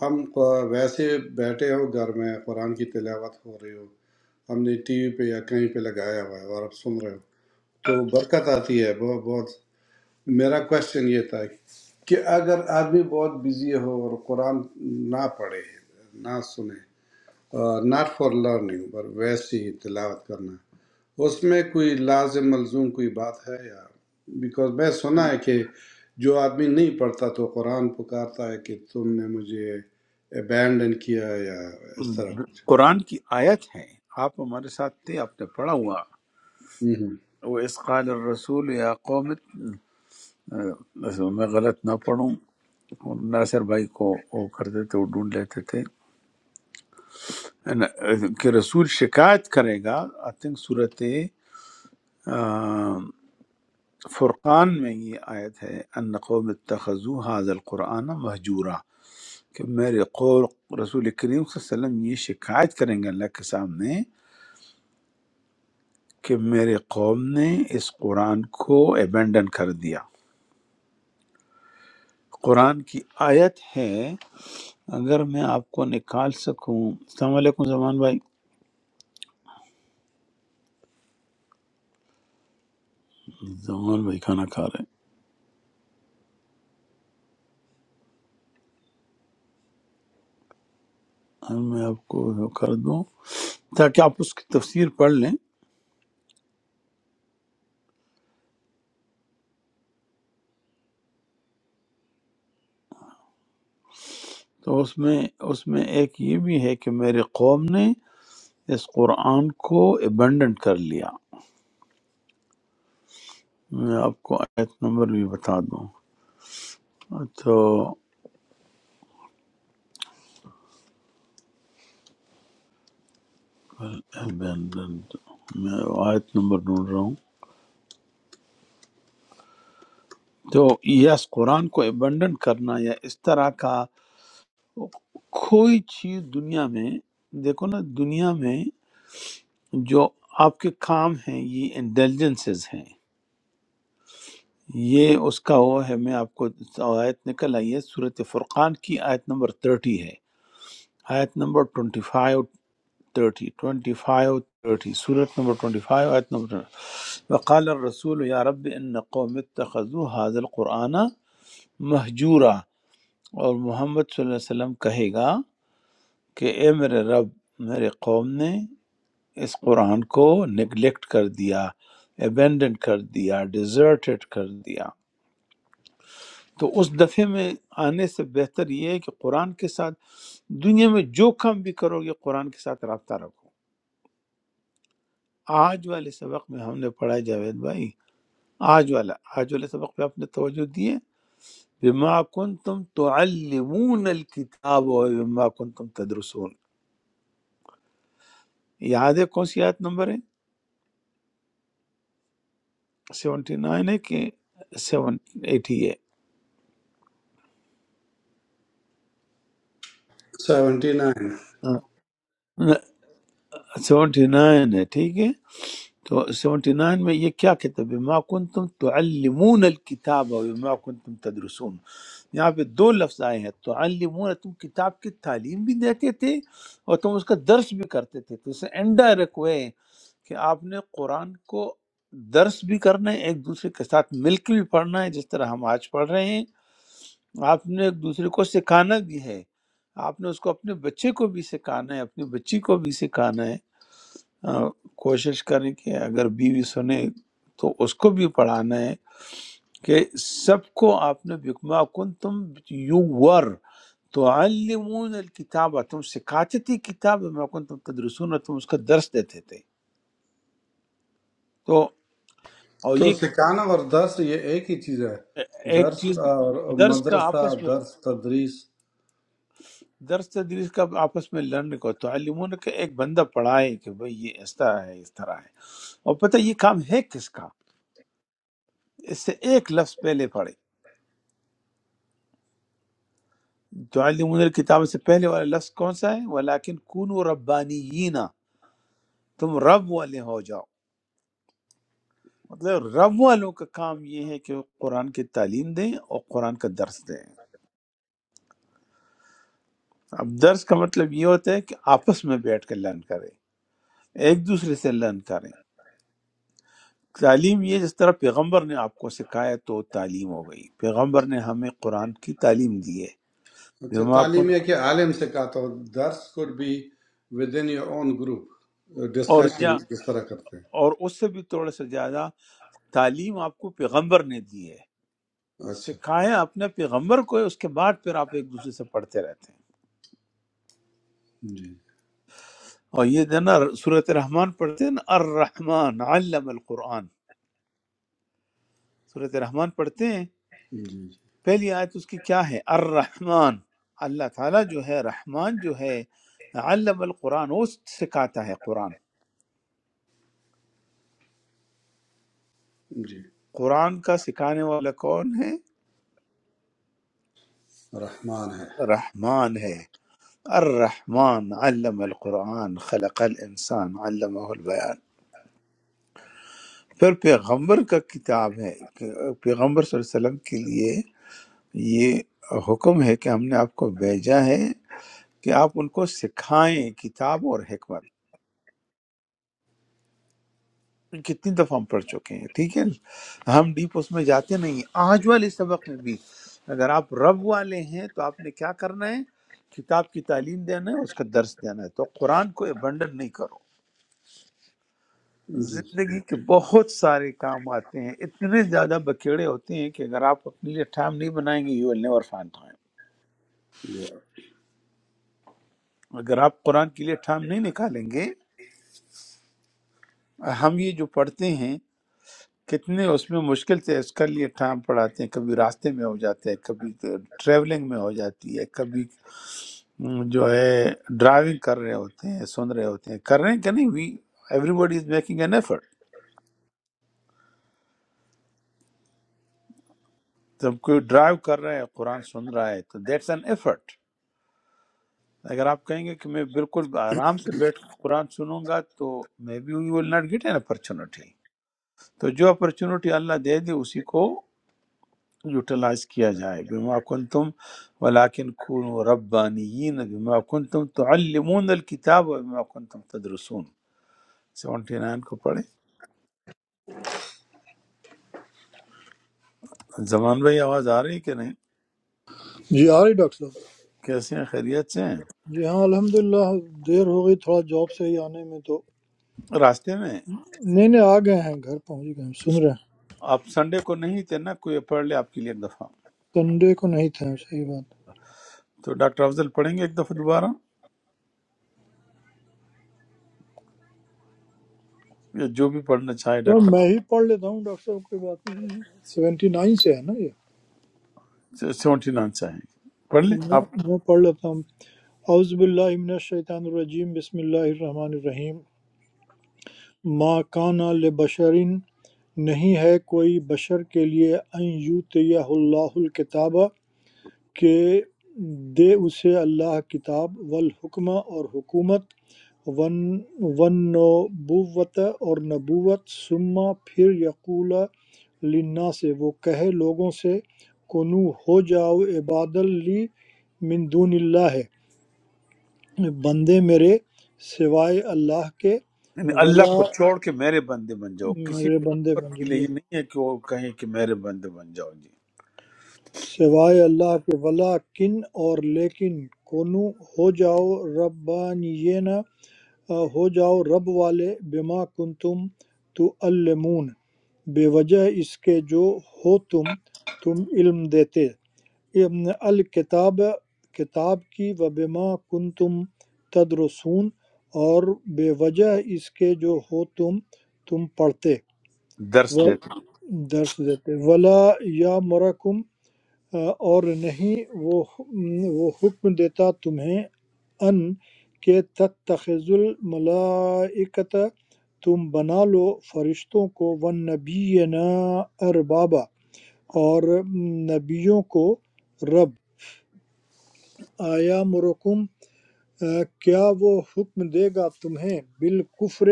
ہم ق- ویسے بیٹھے ہو گھر میں قرآن کی تلاوت ہو رہی ہو ہم نے ٹی وی پہ یا کہیں پہ لگایا ہوا ہے اور آپ سن رہے ہو تو برکت آتی ہے بہت بہت میرا کوشچن یہ تھا کہ اگر آدمی بہت بزی ہو اور قرآن نہ پڑھے نہ سنے ناٹ فار لرننگ پر ویسے ہی تلاوت کرنا اس میں کوئی لازم ملزوم کوئی بات ہے یا بیکاز میں سنا ہے کہ جو آدمی نہیں پڑھتا تو قرآن پکارتا ہے کہ تم نے مجھے ابینڈن کیا یا اس طرح
ہو
کچھ
قرآن کی آیت ہے آپ ہمارے ساتھ تھے آپ نے پڑھا ہوا وہ اس قال الرسول یا قومت میں غلط نہ پڑھوں ناصر بھائی کو وہ کرتے تھے وہ ڈھونڈ لیتے تھے کہ رسول شکایت کرے گا آئی تھنک صورت فرقان میں یہ آیت ہے ان قوم اتخذو حاض القرآن مہجورا کہ میرے قول رسول کریم صلی اللہ علیہ وسلم یہ شکایت کریں گے اللہ کے سامنے کہ میرے قوم نے اس قرآن کو ایبنڈن کر دیا قرآن کی آیت ہے اگر میں آپ کو نکال سکوں السلام علیکم زمان بھائی زمان بھائی کھانا کھا رہے ہیں ہم- میں آپ کو وہ کر دوں تاکہ آپ اس کی تفسیر پڑھ لیں تو اس میں اس میں ایک یہ بھی ہے کہ میرے قوم نے اس قرآن کو ایبنڈنٹ کر لیا میں آپ کو آیت نمبر بھی بتا دوں تو abandoned، میں آیت نمبر ڈھونڈ رہا ہوں تو یس قرآن کو ایبنڈنٹ کرنا یا اس طرح کا کوئی چیز دنیا میں دیکھو نا دنیا میں جو آپ کے کام ہیں یہ انٹیلیجنسز ہیں یہ اس کا وہ ہے میں آپ کو آیت نکل آئی ہے صورت فرقان کی آیت نمبر 30 ہے آیت نمبر 25 اور 26 تھرٹی ٹوینٹی فائیو تھرٹی صورت نمبر ٹوینٹی فائیو آیت نمبر 20 وقال الرسول یا رب ان قوم اتخذوا هذا القرآن مہجورا اور محمد صلی اللہ علیہ وسلم کہے گا کہ اے میرے رب میرے قوم نے اس قرآن کو نگلیکٹ کر دیا ابینڈن کر دیا ڈیزرٹڈ کر دیا تو اس دفعے میں آنے سے بہتر یہ ہے کہ قرآن کے ساتھ دنیا میں جو کام بھی کرو گے قرآن کے ساتھ رابطہ رکھو آج والے سبق میں ہم نے پڑھا جاوید بھائی آج والا آج والے سبق پہ آپ نے توجہ دیے بما کنتم تعلمون الکتاب و بما کنتم تدرسون یاد ہے کون سی آیت نمبر ہے 79 ہے کہ 780 ہے
سیونٹی نائن
سیونٹی نائن ہے ٹھیک ہے تو سیونٹی نائن میں یہ کیا کہتا ہے بما کنتم تعلمون الکتاب و بما کنتم تدرسون یہاں پہ دو لفظ آئے ہیں تعلمون تم کتاب کی تعلیم بھی دیتے تھے اور تم اس کا درس بھی کرتے تھے تو اس سے انڈائریکٹ ہوئے کہ آپ نے قرآن کو درس بھی کرنا ہے ایک دوسرے کے ساتھ مل کے بھی پڑھنا ہے جس طرح ہم آج پڑھ رہے ہیں آپ نے ایک دوسرے کو سکھانا بھی ہے آپ نے اس کو اپنے بچے کو بھی سکھانا ہے اپنی بچی کو بھی سکھانا ہے آ، کوشش کریں کہ اگر بیوی سنے تو اس کو بھی پڑھانا ہے کہ سب کو آپ نے بکما کن تم یو ور تو علمون الکتاب تم سکھاتے تھے کتاب میں کن تم تدرسون تم اس کا درس دیتے تھے تو اور
تو
یہ
سکھانا اور درس یہ ایک ہی چیز ہے
ایک
درس
چیز
اور
درس کا
مدرسہ
آپس میں
درس تدریس
درس تدریس کا آپس میں لڑنے کو تعلیمون کا ایک بندہ پڑھائے کہ بھئی یہ اس طرح ہے اس طرح ہے اور پتہ یہ کام ہے کس کا اس سے ایک لفظ پہلے پڑھے تعلیمون الکتاب سے پہلے والا لفظ کون سا ہے ولیکن کونوا ربانیین تم رب والے ہو جاؤ مطلب رب والوں کا کام یہ ہے کہ وہ قرآن کی تعلیم دیں اور قرآن کا درس دیں اب درس کا مطلب یہ ہوتا ہے کہ آپس میں بیٹھ کے لرن کریں ایک دوسرے سے لرن کریں تعلیم یہ جس طرح پیغمبر نے آپ کو سکھایا تو تعلیم ہو گئی پیغمبر نے ہمیں قرآن کی تعلیم دی ہے
اچھا
بما
تعلیم
کن-
یہ کہ عالم سے کہا تو درس could be with in your own group
اور یا
ڈسکشن اس طرح کرتے ہیں
اور اس سے بھی تھوڑا سا زیادہ تعلیم آپ کو پیغمبر نے دی ہے
اچھا
سکھایا اپنے پیغمبر کو ہے، اس کے بعد پھر آپ ایک دوسرے سے پڑھتے رہتے ہیں
جی
اور یہ جو ہے نا صورت رحمان پڑھتے ہیں نا الرحمن علم القرآن صورت رحمان پڑھتے ہیں
جی جی
پہلی آیت اس کی کیا ہے الرحمن اللہ تعالیٰ جو ہے رحمان جو ہے علم القرآن وہ سکھاتا ہے قرآن
جی۔
قرآن کا سکھانے والا کون ہے
रहमान है
رحمان ہے الرحمن علم القرآن خلق الانسان علمہ البیان پھر پیغمبر کا کتاب ہے کہ پیغمبر صلی اللہ علیہ وسلم کے لیے یہ حکم ہے کہ ہم نے آپ کو بھیجا ہے کہ آپ ان کو سکھائیں کتاب اور حکمت کتنی دفعہ ہم پڑھ چکے ہیں ٹھیک ہے ہم ڈیپ اس میں جاتے نہیں آج والے سبق میں بھی اگر آپ رب والے ہیں تو آپ نے کیا کرنا ہے کتاب کی تعلیم دینا ہے اس کا درس دینا ہے تو قرآن کو ابنڈن نہیں کرو
जी
زندگی کے بہت سارے کام آتے ہیں اتنے زیادہ بکیڑے ہوتے ہیں کہ اگر آپ اپنے لیے ٹائم نہیں بنائیں گے you will never find time
जी
اگر آپ قرآن کے لیے ٹائم نہیں نکالیں گے ہم یہ جو پڑھتے ہیں کتنے اس میں مشکل سے اس کے لیے ٹائم پڑھاتے ہیں کبھی راستے میں ہو جاتے ہیں کبھی ٹریولنگ میں ہو جاتی ہے کبھی م، جو ہے ڈرائیونگ کر رہے ہوتے ہیں سن رہے ہوتے ہیں کر رہے ہیں کہ نہیں we everybody is making an effort جب کوئی ڈرائیو کر رہا ہے قرآن سن رہا ہے تو دیٹس این ایفرٹ اگر آپ کہیں گے کہ میں بالکل آرام سے بیٹھ کے قرآن سنوں گا تو maybe we will not get an opportunity تو جو اپرچونٹی اللہ دے دے اسی کو یوٹیلائز کیا جائے بما کنتم ولیکن کونوا ربانیین بما کنتم تعلمون الکتاب و بما کنتم تدرسون 79 کو پڑھیں زمان بھائی آواز آ رہی ہے کہ نہیں
جی آ رہی ڈاکٹر صاحب
کیسے ہیں خیریت سے ہیں
جی ہاں الحمدللہ دیر ہو گئی تھوڑا جاب سے ہی آنے میں تو
راستے میں
نہیں نہیں آ گئے ہیں گھر پہنچ گئے ہیں سن رہے ہیں
آپ سنڈے کو نہیں تھے نا کوئی پڑھ لے آپ کے لیے ایک دفعہ
سنڈے کو نہیں تھے صحیح بات ہے۔
تو ڈاکٹر افضل پڑھیں گے ایک دفعہ دوبارہ یا جو بھی پڑھنا چاہے
چلو
ڈاکٹر
میں ہی پڑھ لیتا ہوں ڈاکٹر صاحب کوئی بات نہیں سیونٹی نائن سے ہے نا یہ
سیونٹی نائن چاہیں گے پڑھ
جی،
لیں
میں
آپ
میں پڑھ لیتا ہوں اعوذ باللہ من الشیطان الرجیم بسم اللہ الرحمن الرحیم ما کانا لبشرین نہیں ہے کوئی بشر کے لیے ان یوتیہ اللہ الکتاب کہ دے اسے اللہ کتاب والحکمہ اور حکومت ون ونبوت اور نبوت ثم پھر یقول لنا سے وہ کہے لوگوں سے کنو ہو جاؤ عباد لی من دون اللہ ہے بندے میرے سوائے اللہ کے
یعنی اللہ
ولا
کو چھوڑ کے میرے بندے بن جاؤ کسی
میرے بندے بن
پیغمبر کے لیے
جائیے
یہ نہیں ہے کہ وہ کہیں کہ میرے بندے بن جاؤ جی
سوائے اللہ کے ولا کن اور لیکن کونو ہو جاؤ ربانینا ہو جاؤ رب والے بما کنتم تعلمون بے وجہ اس کے جو ہو تم تم علم دیتے ابن الکتاب کتاب کی و بما کنتم تدرسون اور بے وجہ اس کے جو ہو تم تم پڑھتے
درس
و
دیتے ہیں۔
درس دیتے ولا یا مرکم اور نہیں وہ وہ حکم دیتا تمہیں ان کہ تتخذ الملائکت تم بنا لو فرشتوں کو ونبینا اربابا اور نبیوں کو رب آیا مرکم کیا وہ حکم دے گا تمہیں بالکفر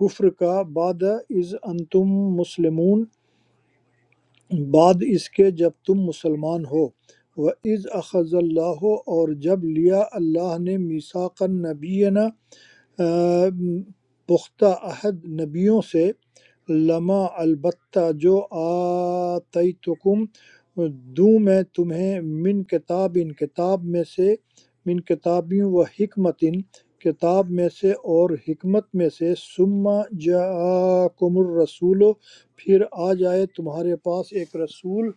کفر کا بعد از انتم مسلمون بعد اس کے جب تم مسلمان ہو وَإِذْ أَخَذَ اللَّهُ اور جب لیا اللہ نے مِيثَاقَ النَّبِيِّنَا آم، پختہ عہد نبیوں سے لما البتہ جو آتیتکم دوں میں تمہیں من کتاب ان کتاب میں سے من کتابیوں و حکمت ان کتاب میں سے اور حکمت میں سے سما جاءکم الرسول پھر آ جائے تمہارے پاس ایک رسول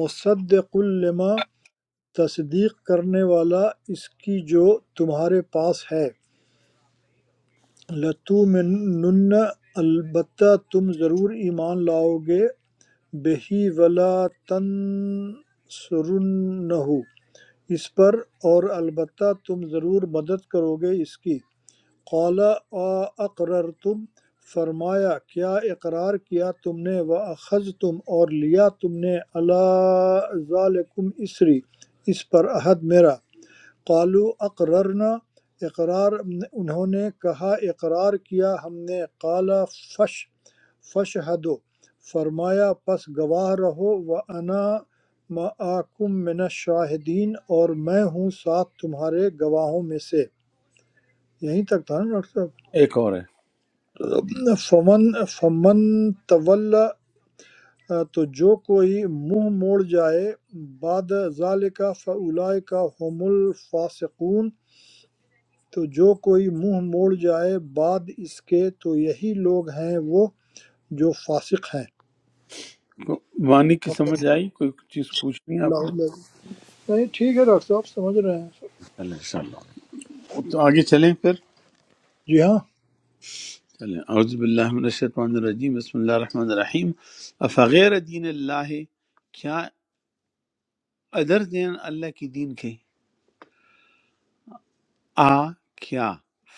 مصدق لما تصدیق کرنے والا اس کی جو تمہارے پاس ہے لَتُؤْمِنُنَّ البتہ تم ضرور ایمان لاؤ گے بِہِ وَلَتَنْصُرُنَّهُ اس پر اور البتہ تم ضرور مدد کرو گے اس کی قَالَ أَقْرَرْتُمْ فرمایا کیا اقرار کیا تم نے وَأَخَذْتُمْ اور لیا تم نے عَلَىٰ ذَلِكُمْ اسری اس پر عہد میرا قالوا اقررنا اقرار انہوں نے کہا اقرار کیا ہم نے قال فش فشہدو فرمایا پس گواہ رہو وانا معاکم من الشاہدین اور میں ہوں ساتھ تمہارے گواہوں میں سے یہیں تک تھا نا ڈاکٹر
ایک اور ہے
صاحب فمن فمن طول تو جو کوئی منہ موڑ جائے بعد ذالک فاولئک هم الفاسقون تو جو کوئی منہ موڑ جائے بعد اس کے تو یہی لوگ ہیں وہ جو فاسق ہیں
کو- معنی کی
واقعی
سمجھ آئی کوئی چیز پوچھنی ہے آپ
اللہ
نے
علیہ نہیں ٹھیک ہے ڈاکٹر صاحب سمجھ رہے ہیں
چلیں انشاءاللہ تو آگے چلیں پھر
جی ہاں
چلیں اعوذ باللہ من الشیطان الرجیم بسم اللہ الرحمن الرحیم افغیر دین اللہ کیا ادر دین اللہ کی دین کے آ کیا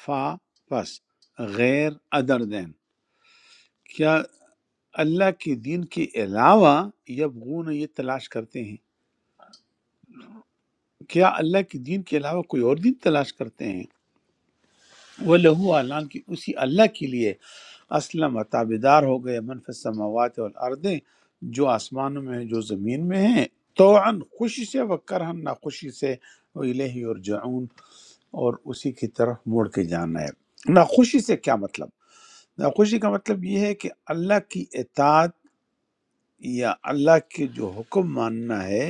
فا پس غیر ادر دین کیا اللہ کے دین کے علاوہ یبغون یہ تلاش کرتے ہیں کیا اللہ کے دین کے علاوہ کوئی اور دین تلاش کرتے ہیں وہ لہو اعلان کی اسی اللہ کے لیے اسلم تابدار ہو گئے من فی السماوات والارض جو آسمانوں میں ہیں جو زمین میں ہیں توعن خوشی سے و کرہن ناخوشی سے و الیہ یرجعون اور اسی کی طرف موڑ کے جانا ہے ناخوشی سے کیا مطلب ناخوشی کا مطلب یہ ہے کہ اللہ کی اطاعت یا اللہ کے جو حکم ماننا ہے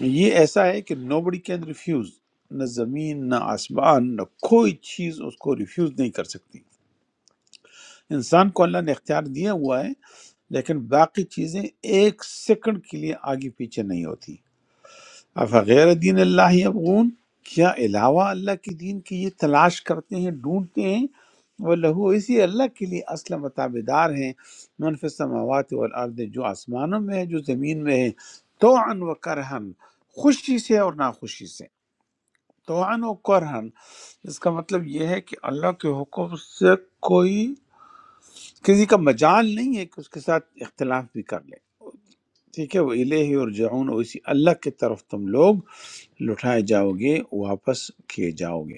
یہ ایسا ہے کہ نو بڑی کین ریفیوز نہ زمین نہ آسمان نہ کوئی چیز اس کو ریفیوز نہیں کر سکتی انسان کو اللہ نے اختیار دیا ہوا ہے لیکن باقی چیزیں ایک سیکنڈ کے لیے آگے پیچھے نہیں ہوتی افغیر دین اللہ ابغون کیا علاوہ اللہ کے دین کی یہ تلاش کرتے ہیں ڈھونڈتے ہیں وہ لہو اسی اللہ کے لیے اصل متابدار ہیں منف السماوات والارض جو آسمانوں میں ہے جو زمین میں ہے تو ان و کرہن خوشی سے اور ناخوشی سے تو ان و کرہن اس کا مطلب یہ ہے کہ اللہ کے حکم سے کوئی کسی کا مجال نہیں ہے کہ اس کے ساتھ اختلاف بھی کر لے ٹھیک ہے وہ الہی اور جعون اسی اللہ کی طرف تم لوگ لٹھائے جاؤ گے واپس کیے جاؤ گے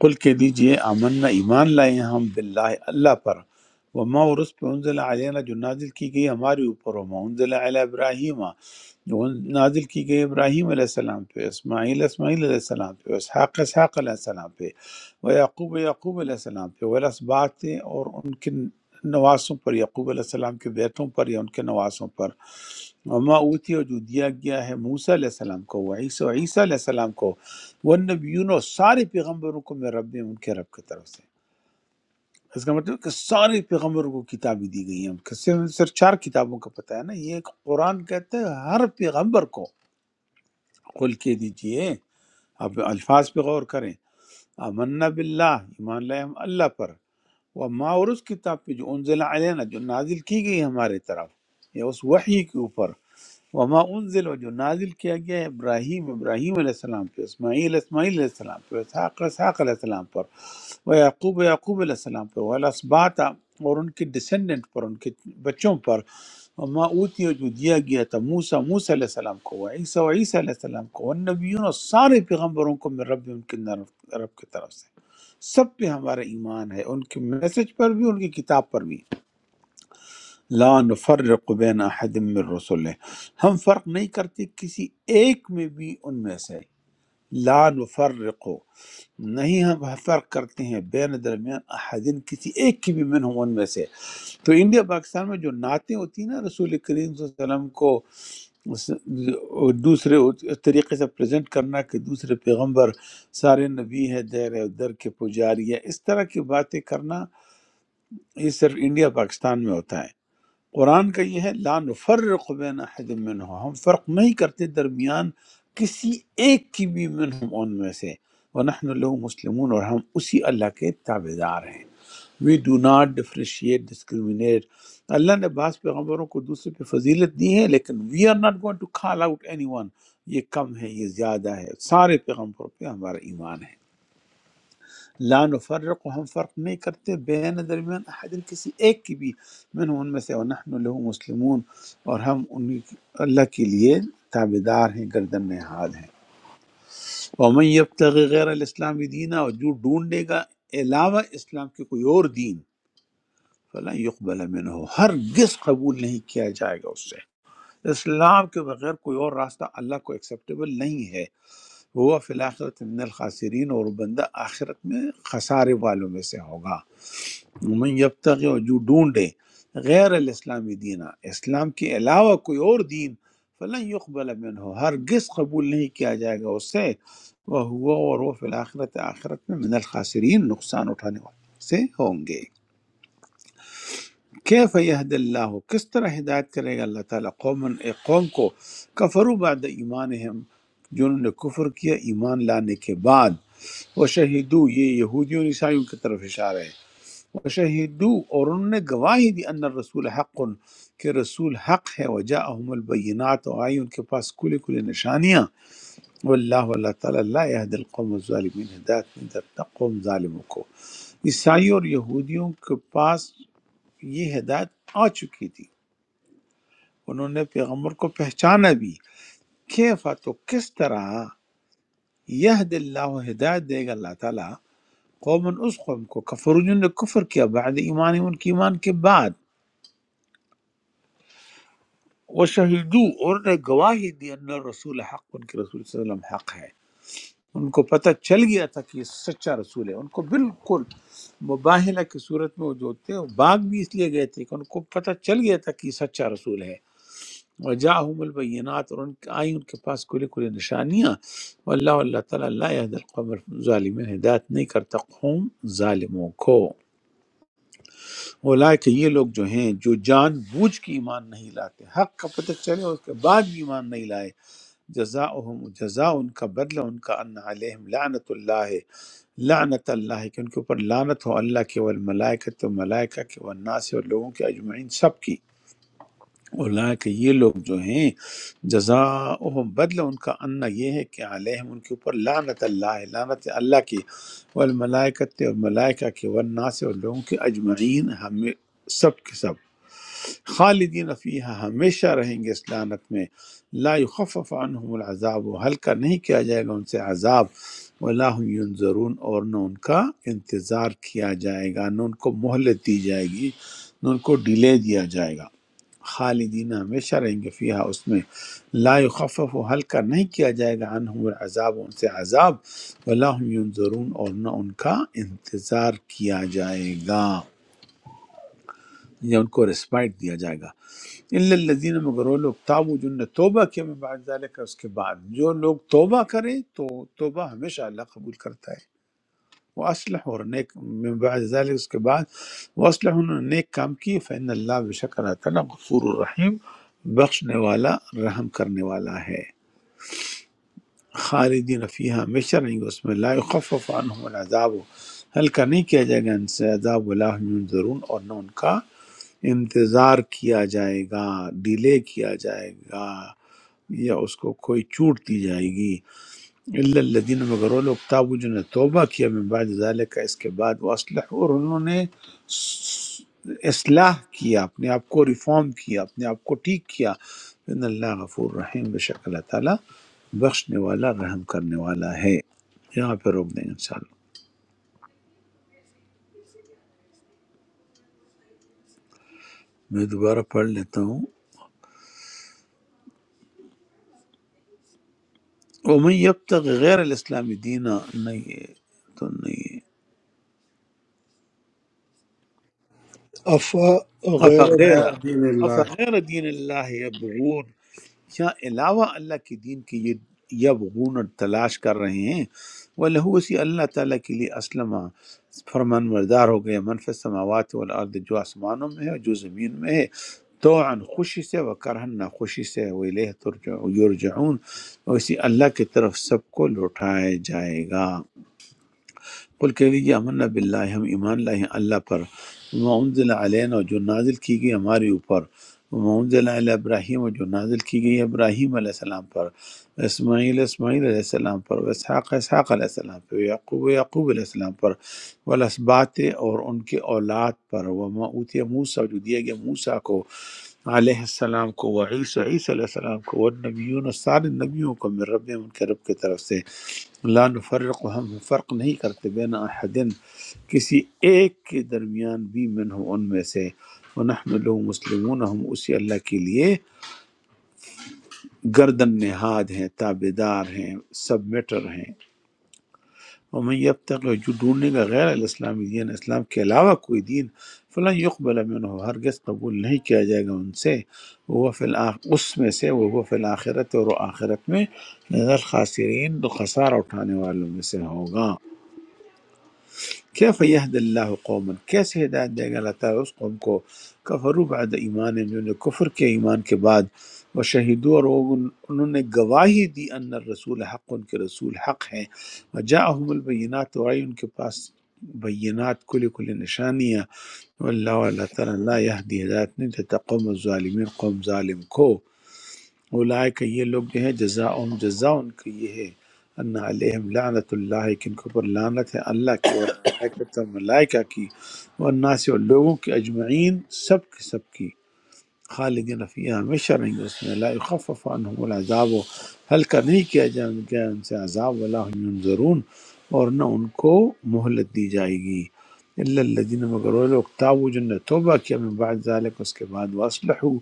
قل کہہ دیجئے آمنا ایمان لائے ہیں ہم باللہ اللہ پر وما اور اس پہ انزل علینا جو نازل کی گئی ہمارے اوپر وما انزل علی ابراہیمہ جو ان- نازل کی گئی ابراہیم علیہ السلام پہ اسماعیل اسماعیل علیہ السلام پہ اسحاق اسحاق علیہ السلام پہ و یعقوب یعقوب علیہ السلام پہ والاسباط اور ان کے نواسوں پر یعقوب علیہ السلام کے بیٹوں پر یا ان کے نواسوں پر وما اوتی اور جو دیا گیا ہے موسیٰ علیہ السلام کو وہ عیسیٰ عیسیٰ علیہ السلام کو وہ نبیون اور سارے پیغمبروں کو میرے رب نے ان کے رب کی طرف سے اس کا مطلب کہ سارے پیغمبروں کو کتابیں دی گئی ہیں کہ صرف صرف چار کتابوں کا پتہ ہے نا یہ ایک قرآن کہتا ہے ہر پیغمبر کو کھول کے دیجئے آپ الفاظ پہ غور کریں آمنا باللہ ایمان لائے ہم اللہ پر وما اور اس کتاب پہ جو انزل علینا جو نازل کی گئی ہمارے طرف یا اس وحی کے اوپر وما انزل و جو نازل کیا گیا ہے ابراہیم ابراہیم علیہ السلام پہ اسماعیل اسماعیل علیہ السلام پہ اسحاق اسحاق علیہ السلام پر و یعقوب یعقوب علیہ السلام پر والاسباط اور ان کے ڈسینڈنٹ پر ان کے بچوں پر وما اوتی جو دیا گیا تھا موسیٰ موسیٰ علیہ السلام کو و عیسیٰ و عیسیٰ علیہ السلام کو والنبیون اور سارے پیغمبروں کو من رب ان کے رب کی طرف سے سب پہ ہمارا ایمان ہے ان کے میسج پر بھی ان کی کتاب پر بھی لا نفرق بین احد من رسول ہم فرق نہیں کرتے کسی ایک میں بھی ان میں سے لا نفرق نہیں ہم فرق کرتے ہیں بین درمیان احدین کسی ایک کی بھی من ہوں ان میں سے تو انڈیا پاکستان میں جو نعتیں ہوتی ہیں نا رسول کریم صلی اللہ علیہ وسلم کو اس- دوسرے اس طریقے سے پریزنٹ کرنا کہ دوسرے پیغمبر سارے نبی ہے دیر ہے در کے پجاری ہے اس طرح کی باتیں کرنا یہ صرف انڈیا پاکستان میں ہوتا ہے قرآن کا یہ ہے لا نفرق بین احد منہم ہم فرق نہیں کرتے درمیان کسی ایک کی بھی منہم ان میں سے ونحن لو مسلمون اور ہم اسی اللہ کے تابع دار ہیں we do not differentiate discriminate Allah نے بعض پیغمبروں کو دوسرے پہ فضیلت دی ہے لیکن we are not going to call out anyone یہ کم ہے یہ زیادہ ہے سارے پیغمبروں پہ ہمارا ایمان ہے لا نفرق ہم فرق نہیں کرتے بین درمیان احد کسی ایک کی بھی من ان میں سے ونحن لہو مسلمون اور ہم ان اللہ کے لیے تابع دار ہیں گردن نہاد ہیں ومن یبتغی غیر الاسلام دینا اور جو ڈھونڈے گا علاوہ اسلام کے کوئی اور دین فلا یقبل منہ ہرگز قبول نہیں کیا جائے گا اس سے اسلام کے بغیر کوئی اور راستہ اللہ کو ایکسیپٹیبل نہیں ہے وہ فی الآخرت من الخاسرین اور وہ بندہ آخرت میں خسارے والوں میں سے ہوگا میں یبتغی اور جو ڈھونڈے غیر الاسلامی دینا اسلام کے علاوہ کوئی اور دین فلن یقبل منہ ہرگز قبول نہیں کیا جائے گا اس سے وہ ہوا اور وہ فی الآخرت آخرت میں من الخاسرین نقصان اٹھانے والے سے ہوں گے کیف یہد اللہ کس طرح ہدایت کرے گا اللہ تعالیٰ قوم ایک قوم کو کفروا بعد ایمانہم جنہوں نے کفر کیا ایمان لانے کے بعد وہ شہیدو یہ یہودیوں اور عیسائیوں کی طرف اشارہ ہے وشہدو اور انہوں نے گواہی دی ان الرسول حق کہ رسول حق ہے وجاءہم البینات اور آئی ان کے پاس کھلے کھلے نشانیاں واللہ اللہ تعالیٰ لا یہد القوم الظالمین ہدایت نہیں کرتا قوم ظالموں کو عیسائیوں اور یہودیوں کے پاس یہ ہدایت آ چکی تھی انہوں نے پیغمبر کو پہچانا بھی کیفا تو کس طرح یہد اللہ ہدایت دے گا اللہ تعالیٰ قوم اس قوم کو کفر جنہوں نے کفر کیا بعد ایمان ان کے ایمان کے بعد وہ شہیدو اور نے گواہی دی ان رسول حق ان کے رسول صلی اللہ علیہ وسلم حق ہے ان کو پتہ چل گیا تھا کہ یہ سچا رسول ہے ان کو بالکل مباہلہ کی صورت میں وہ جو تھے وہ باغ بھی اس لیے گئے تھے کہ ان کو پتہ چل گیا تھا کہ یہ سچا رسول ہے وجاہم البینات اور ان آئی ان کے پاس کھلی کھلی نشانیاں واللہ اللہ تعالیٰ لا یہد القوم ظالمین ہدایت نہیں کرتا قوم ظالموں کو اولئک یہ لوگ جو ہیں جو جان بوجھ کے ایمان نہیں لاتے حق کا پتہ چلے اس کے بعد بھی ایمان نہیں لائے جزاؤہم جزا ان کا بدلہ ان کا ان علیہم لعنت اللہ لعنت اللہ کہ ان کے اوپر لعنت ہو اللہ کے والملائکہ تو ملائکہ کے والناس اور لوگوں کے اجمعین سب کی اللہ کہ یہ لوگ جو ہیں جزاؤہم بدلہ ان کا ان یہ ہے کہ علیہم ان کے اوپر لعنت اللہ لعنت اللہ کی والملائکہ اور ملائکہ کے والناس اور لوگوں کے اجمعین ہمیں سب کے سب خالدین فیہا ہمیشہ رہیں گے اس لعنت میں لا یخفف عنہم العذاب و ہلکا نہیں کیا جائے گا ان سے عذاب ولا هم ینظرون اور نہ ان کا انتظار کیا جائے گا نہ ان کو مہلت دی جائے گی نہ ان کو ڈیلے دیا جائے گا خالدین ہمیشہ رہیں گے فیہا اس میں لا یخفف و ہلکا نہیں کیا جائے گا عنہم العذاب ان سے عذاب ولا هم ینظرون اور نہ ان کا انتظار کیا جائے گا یا ان کو رسپائٹ دیا جائے گا الا الذین مگر وہ لوگ تابو جن نے توبہ کیا من بعد ذالک اس کے بعد جو لوگ توبہ کریں تو توبہ ہمیشہ اللہ قبول کرتا ہے وہ اسلح اور نیک من بعد ذالک اس کے بعد وہ اسلح انہوں نے نیک کام کی فإن اللہ بشک اللہ تعالیٰ غفور الرحیم بخشنے والا رحم کرنے والا ہے خالدین فیہا ہمیشہ رہیں گے اس میں لا یخفف عنہم العذاب ہلکا نہیں کیا جائے گا ان سے عذاب ولا هم ینظرون اور نہ ان کا انتظار کیا جائے گا ڈیلے کیا جائے گا یا اس کو کوئی چھوٹ دی جائے گی اللہ الذین مگر وہ لوگ تابو جو نے توبہ کیا من بعد ذالک اس کے بعد وہ اسلح اور انہوں نے س- اصلاح کیا اپنے آپ کو ریفارم کیا اپنے آپ کو ٹھیک کیا ان اللہ غفور رحیم بے شک اللہ تعالیٰ بخشنے والا رحم کرنے والا ہے یہاں پہ روک دیں انشاءاللہ میں دوبارہ پڑھ لیتا ہوں ومن یبتغ غیر الاسلام دینا نہیں ہے تو نہیں ہے
افا غیر
افغیر
غير دين الله
افغیر دین اللہ یبغون کیا علاوہ اللہ کے دین کے یہ یبغون اور تلاش کر رہے ہیں وَلَهُ اسی اللہ تعالیٰ کے لیے اسلم فرمان مردار ہو گئے من فی السماوات والارض جو آسمانوں میں ہے اور جو زمین میں ہے تو عن خوشی سے و کرہن نہ خوشی سے وہ ترجعون اور اسی اللہ کی طرف سب کو لوٹایا جائے گا قل کہہ دیجیے امنا باللہ ہم ایمان لائے ہیں اللہ پر وما انزل علینا اور جو نازل کی گئی ہمارے اوپر وما انزل علی ابراہیم اور جو نازل کی گئی ابراہیم علیہ السلام پر اسماعیل اسماعیل علیہ السلام پر و اسحاق اسحاق علیہ السلام پر و یعقوب یعقوب علیہ السلام پر والاسبات اور ان کے اولاد پر وما اوتی موسیٰ جو دیا گیا موسیٰ کو علیہ السلام کو و عیسیٰ عیسیٰ علیہ السلام کو والنبیون اور سارے نبیوں کو من رب ان کے رب کی طرف سے لا نفرق ہم فرق نہیں کرتے بین احدن کسی ایک کے درمیان بھی منہم ان میں سے ونحن لو مسلمون ہم اسی اللہ کے لیے گردن نہاد ہیں تابے دار ہیں سبمیٹر ہیں ومن یبتغ جو ڈھونڈنے کا غیر الاسلام دین اسلام کے علاوہ کوئی دین فلاں یقبل منہ ہرگز قبول نہیں کیا جائے گا ان سے وہ فی الآخ اس میں سے وہ فی الآخرت اور وہ آخرت میں نظر خاسرین تو خسارہ اٹھانے والوں میں سے ہوگا کیف یہد اللہ قوما کیسے ہدایت دے گا اللہ تعالیٰ اس قوم کو کفرو بعد ایمان جنہوں نے کفر کے ایمان کے بعد وہ شہیدو اور وہ ان- انہوں نے گواہی دی ان الرسول حق ان کے رسول حق ہیں وجاءہم البینات اور آئی ان کے پاس بینات کلی کلی نشانیاں واللہ اللہ تعالیٰ لا یہدی ہدایت نہیں دیتا قوم الظالمین قوم ظالم کو اولائے کہ یہ لوگ جو ہیں جزا جزا ان کا یہ ہے ان علیہم لعنت اللہ کہ ان کے اوپر لعنت ہے اللہ کی والملائکۃ اور ملائکہ کی والناس اور لوگوں کی اجمعین سب کی سب کی خالدین فیہا ہمیشہ رہیں گے اس میں لا یخفف عنہم العذاب و ہلکا نہیں کیا جائے گا ان سے عذاب ولا هم ینظرون اور نہ ان کو مہلت دی جائے گی الا الذین مگر وہ لوگ تابوا جن نے توبہ کیا من بعد ذلک اس کے بعد واصلحوا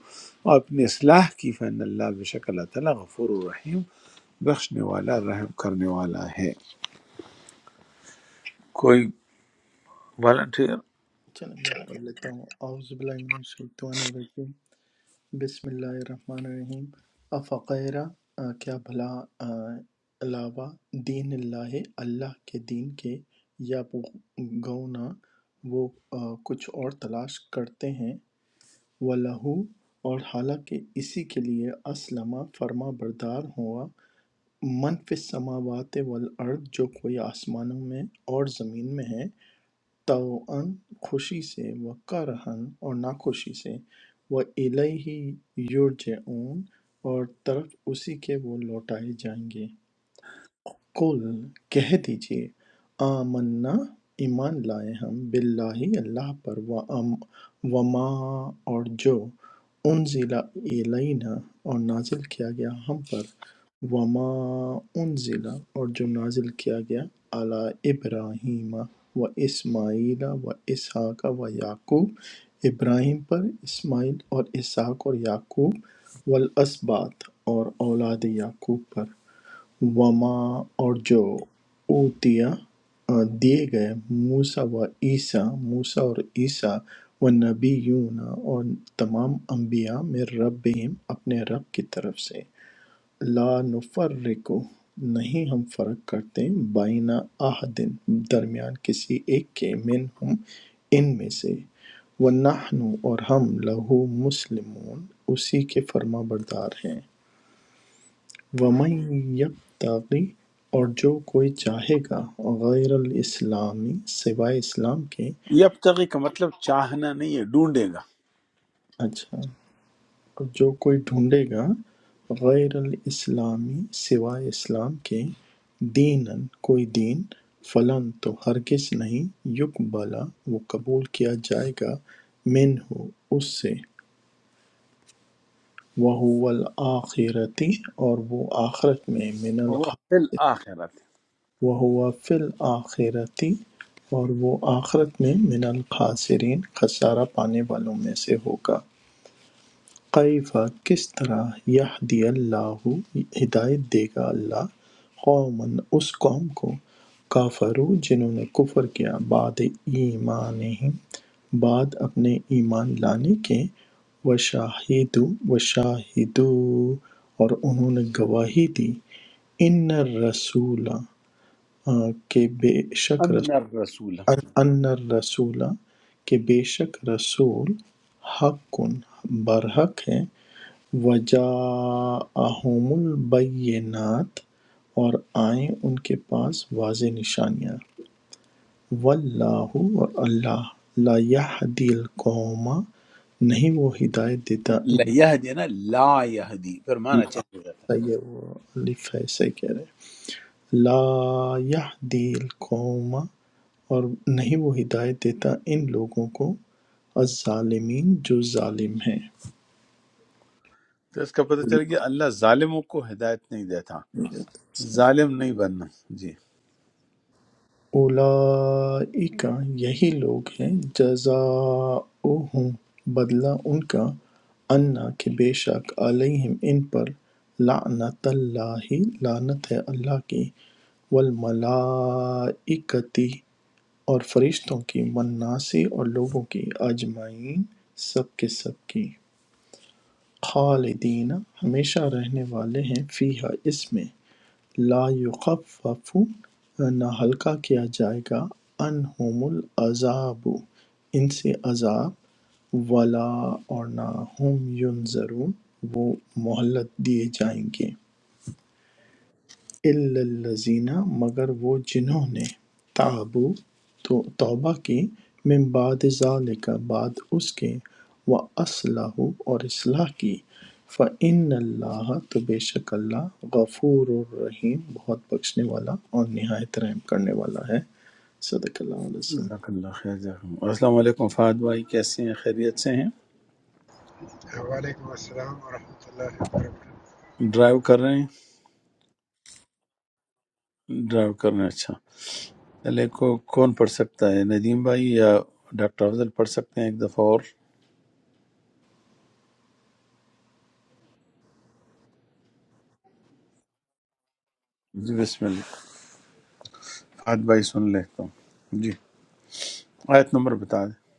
اور اپنی اصلاح کی فان اللہ بشک اللہ تعالی غفور الرحیم بخشنے والا رحم کرنے والا ہے کوئی والنٹیر
چلیں میں پڑھ لیتا ہوں اعوذ باللہ من الشیطان الرجیم بسم اللہ الرحمن الرحیم افقیرہ آ، کیا بھلا آ، علاوہ دین اللہ اللہ کے دین کے یا گونا وہ آ، کچھ اور تلاش کرتے ہیں لہو اور حالانکہ اسی کے لیے اسلمہ فرما بردار ہوا منف السماوات والارض جو کوئی آسمانوں میں اور زمین میں ہے طوعاً خوشی سے و کرہاً اور ناخوشی سے وَإِلَيْهِ يُرْجَعُونَ اور طرف اسی کے وہ لوٹائے جائیں گے قل کہہ دیجئے آمنا ایمان لائے ہم باللہ اللہ پر وَأَم- وما اور جو انزل الینا اور نازل کیا گیا ہم پر وما انزل اور جو نازل کیا گیا علی ابراہیم و اسماعیل و اسحاق و یعقوب ابراہیم پر اسماعیل اور اسحاق اور یعقوب والاسباط اور اولاد یعقوب پر وما اور جو اوتیے دیے گئے موسیٰ و عیسیٰ موسیٰ اور عیسیٰ و نبیون اور تمام انبیاء میں ربہم اپنے رب کی طرف سے لا نفرق نہیں ہم فرق کرتے بائنا احدن درمیان کسی ایک کے من ہم ان میں سے ونحن اور ہم لہو مسلمون اسی کے فرما بردار ہیں وَمَن یَبتَغِ اور جو کوئی چاہے گا غیر الاسلام سوائے اسلام کے
یبتغی کا مطلب چاہنا نہیں ہے ڈھونڈے گا
اچھا اور جو کوئی ڈھونڈے گا غیر الاسلام سوائے اسلام کے دینن کوئی دین فلن تو ہرگز نہیں یقبلا وہ قبول کیا جائے گا منہ اس سے وَهُوَ الْآخِرَةِ اور وہ آخرت میں من الغالبین
وہ فی الاخرت
وَهُوَ فِي الْآخِرَةِ اور وہ آخرت میں من الخاسرین خسارہ پانے والوں میں سے ہوگا کیف کس طرح یہدی اللہ ہدایت دے گا اللہ قومًا اس قوم کو کافرو جنہوں نے کفر کیا بعد ایمانہم بعد اپنے ایمان لانے کے وشاہد وشاہدو اور انہوں نے گواہی دی ان الرسول ہاں، کہ بے شک
ان
رسول
الرسول
ان ان الرسول کہ بے شک رسول حق برحق ہے وجاءہم البینات اور آئیں ان کے پاس واضح نشانیاں واللہ اور اللہ لا یہدی القوم نہیں وہ ہدایت دیتا ان
لہدی نا لا یہدی پھر معنی چینج ہو جاتا ہے
صحیح ہے، وہ الف ہے صحیح کہہ رہے ہیں۔ لا یہدی القوم اور نہیں وہ ہدایت دیتا ان لوگوں کو الظالمین جو ظالم ہیں
تو اس کا پتہ چل گیا اللہ ظالموں کو ہدایت نہیں دیتا ظالم نہیں بننا جی
اولئک یہی لوگ ہیں جزاؤہم بدلہ ان کا انا کہ بے شک علیہم ان پر لعنت اللہ لعنت ہے اللہ کی والملائکتی اور فرشتوں کی والناسی اور لوگوں کی اجمعین سب کے سب کی خالدین ہمیشہ رہنے والے ہیں فیہا اس میں لا یُخَفَّفُ نہ ہلکا کیا جائے گا عنہم العذاب ان سے عذاب ولا اور نہ ہم ینظرون وہ مہلت دیے جائیں گے اِلَّا الَّذِينَ مگر وہ جنہوں نے تابوا تو توبہ کی من بعد ذالک بعد اس کے وَأَصْلَحُوا اور اصلاح کی فَإِنَّ اللَّهَ تو بے شک اللہ غفور الرحیم بہت بخشنے والا اور نہایت رحم کرنے والا ہے صدق اللہ علیہ وسلم۔
جزاک اللہ خیر جزاک اللہ۔ السلام علیکم فہد بھائی کیسے ہیں خیریت سے ہیں
Assalamualaikum warahmatullahi wabarakatuh.
ڈرائیو کر رہے ہیں ڈرائیو کر رہے ہیں اچھا چلے کو کون پڑھ سکتا ہے ندیم بھائی یا ڈاکٹر افضل پڑھ سکتے ہیں ایک دفعہ اور جی بسم اللہ فہد بھائی سن لیتا ہوں جی آیت نمبر بتا دیں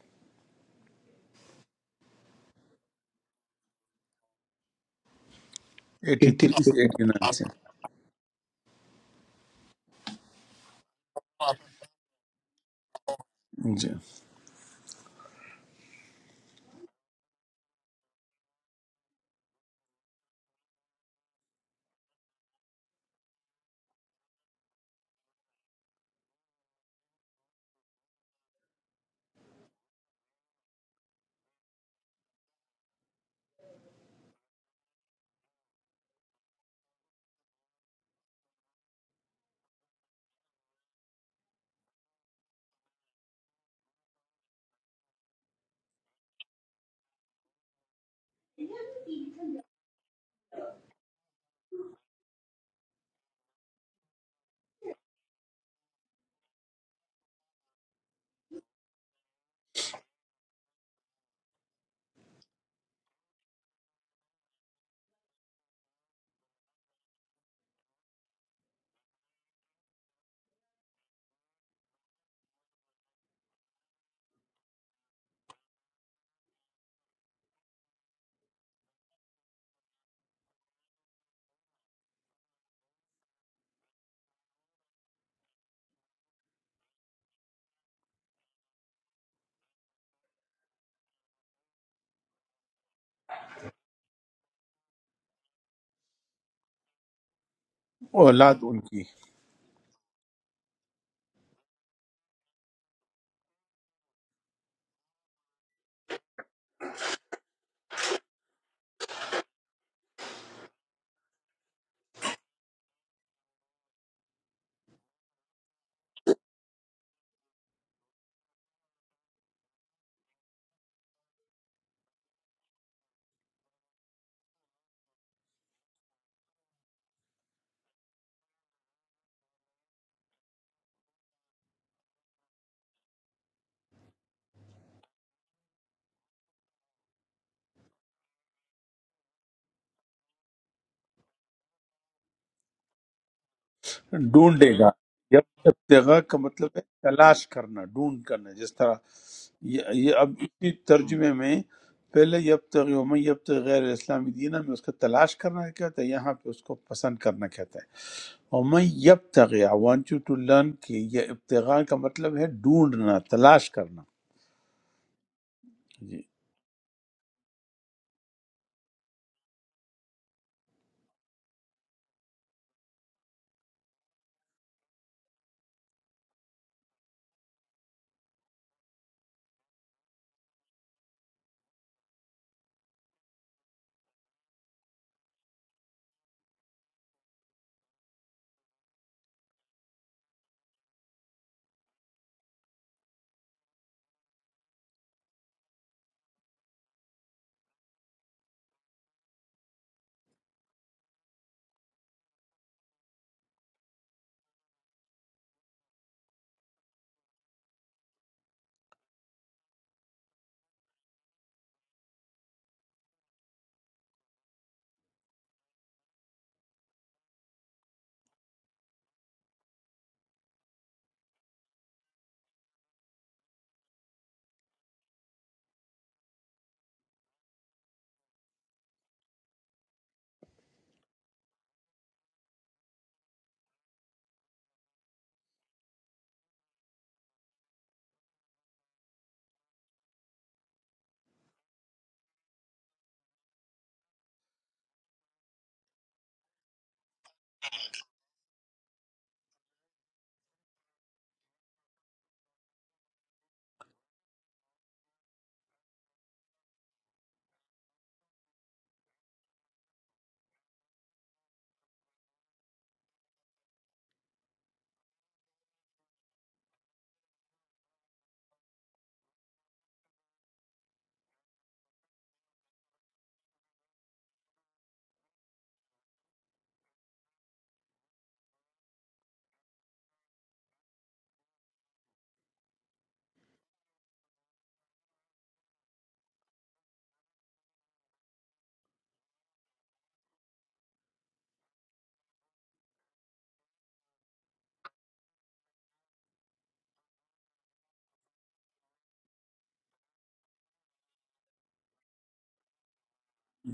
ایٹی تھری سے ایٹی نائن سے جی اولاد ان کی ڈھونڈے گا جب ابتغاء کا مطلب ہے تلاش کرنا ڈھونڈ کرنا جس طرح یہ یہ اب اسی ترجمے میں پہلے یبتغی ومن یبتغی غیر اسلامی دینا میں اس کا تلاش کرنا کہتا ہے یہاں پہ اس کو پسند کرنا کہتا ہے ومن یبتغی I want you to learn کہ یہ ابتغاء کا مطلب ہے ڈھونڈنا تلاش کرنا جی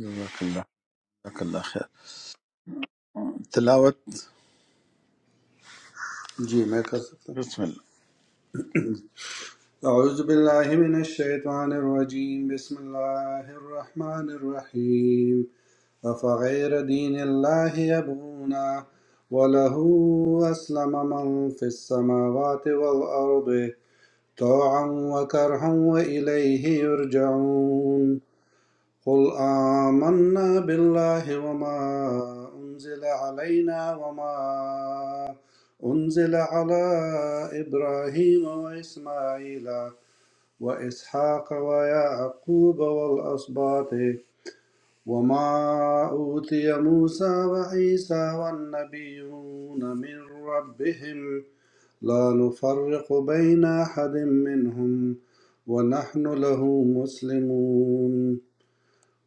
جزاک اللہ جزاک اللہ خیر تلاوت
जी मैं कर सकता हूँ
بسم اللہ
أعوذ بالله من الشيطان الرجيم بسم الله الرحمن الرحيم أفغير دين الله يبغون وله أسلم من في السماوات والأرض طوعا وكرها وإليه يرجعون قل آمنا بالله وما أنزل علينا وما أنزل على إبراهيم وإسماعيل وإسحاق ويعقوب والأسباط وما أوتي موسى وعيسى والنبيون من ربهم لا نفرق بين أحد منهم ونحن له مسلمون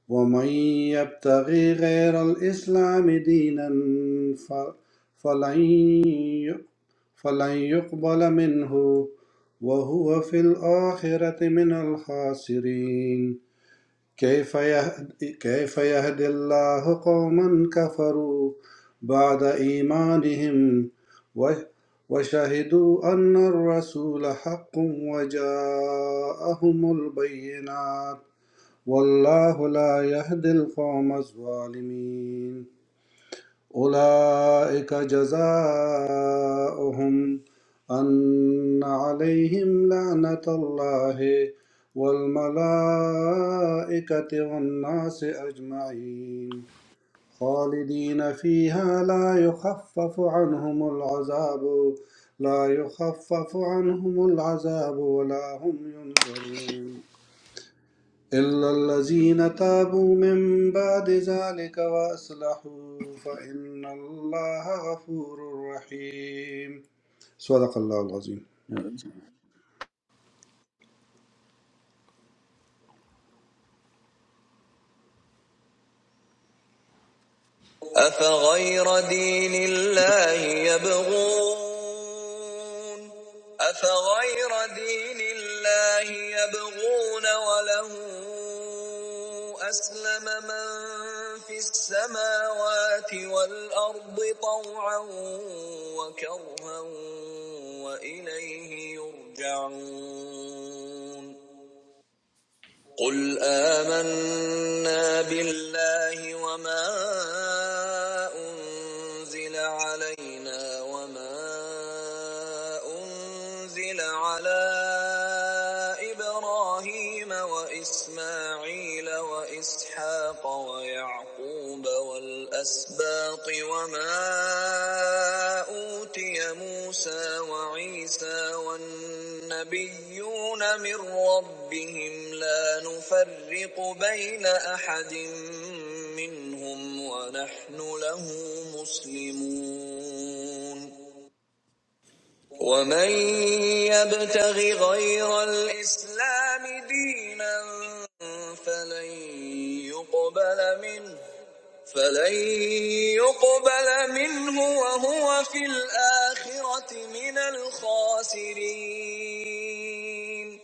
ومن يبتغي غير الإسلام دينا ف- فلن ي- فلن يقبل منه وهو في الآخرة من الخاسرين كيف يهدي, كيف يهدي الله قوما كفروا بعد إيمانهم و- وشهدوا أن الرسول حق وجاءهم البينات والله لا يهدي القوم الظالمين أولئك جزاؤهم أن عليهم لعنة الله والملائكة والناس أجمعين خالدين فيها لا يخفف عنهم العذاب لا يخفف عنهم العذاب ولا هم ينظرون إلا الذين تابوا من بعد ذلك وأصلحوا فإن الله غفور رحيم صدق الله العظيم
جی جی،
أفغير دين الله يبغون أفغير دين الله يبغون وله أسلم من في السماوات والأرض طوعا وكرها وإليه يرجعون قل آمنا بالله وما أنزل علينا وما أنزل على إبراهيم وإسماعيل وإسحاق ويعقوب والأسباط وما أوتي موسى وعيسى والنبيون من ربهم لا نفرق بين أحد منهم ونحن له مسلمون ومن يبتغ غير الإسلام دينا فلن يقبل منه فلن يقبل منه وهو في الآخرة من الخاسرين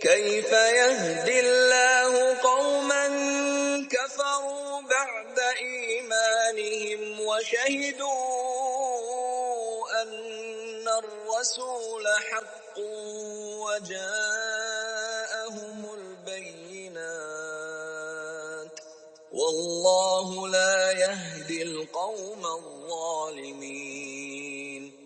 كيف يهدي الله قوما كفروا بعد إيمانهم وشهدوا أن الرسول حق وجاءهم البينات والله لا يهدي القوم الظالمين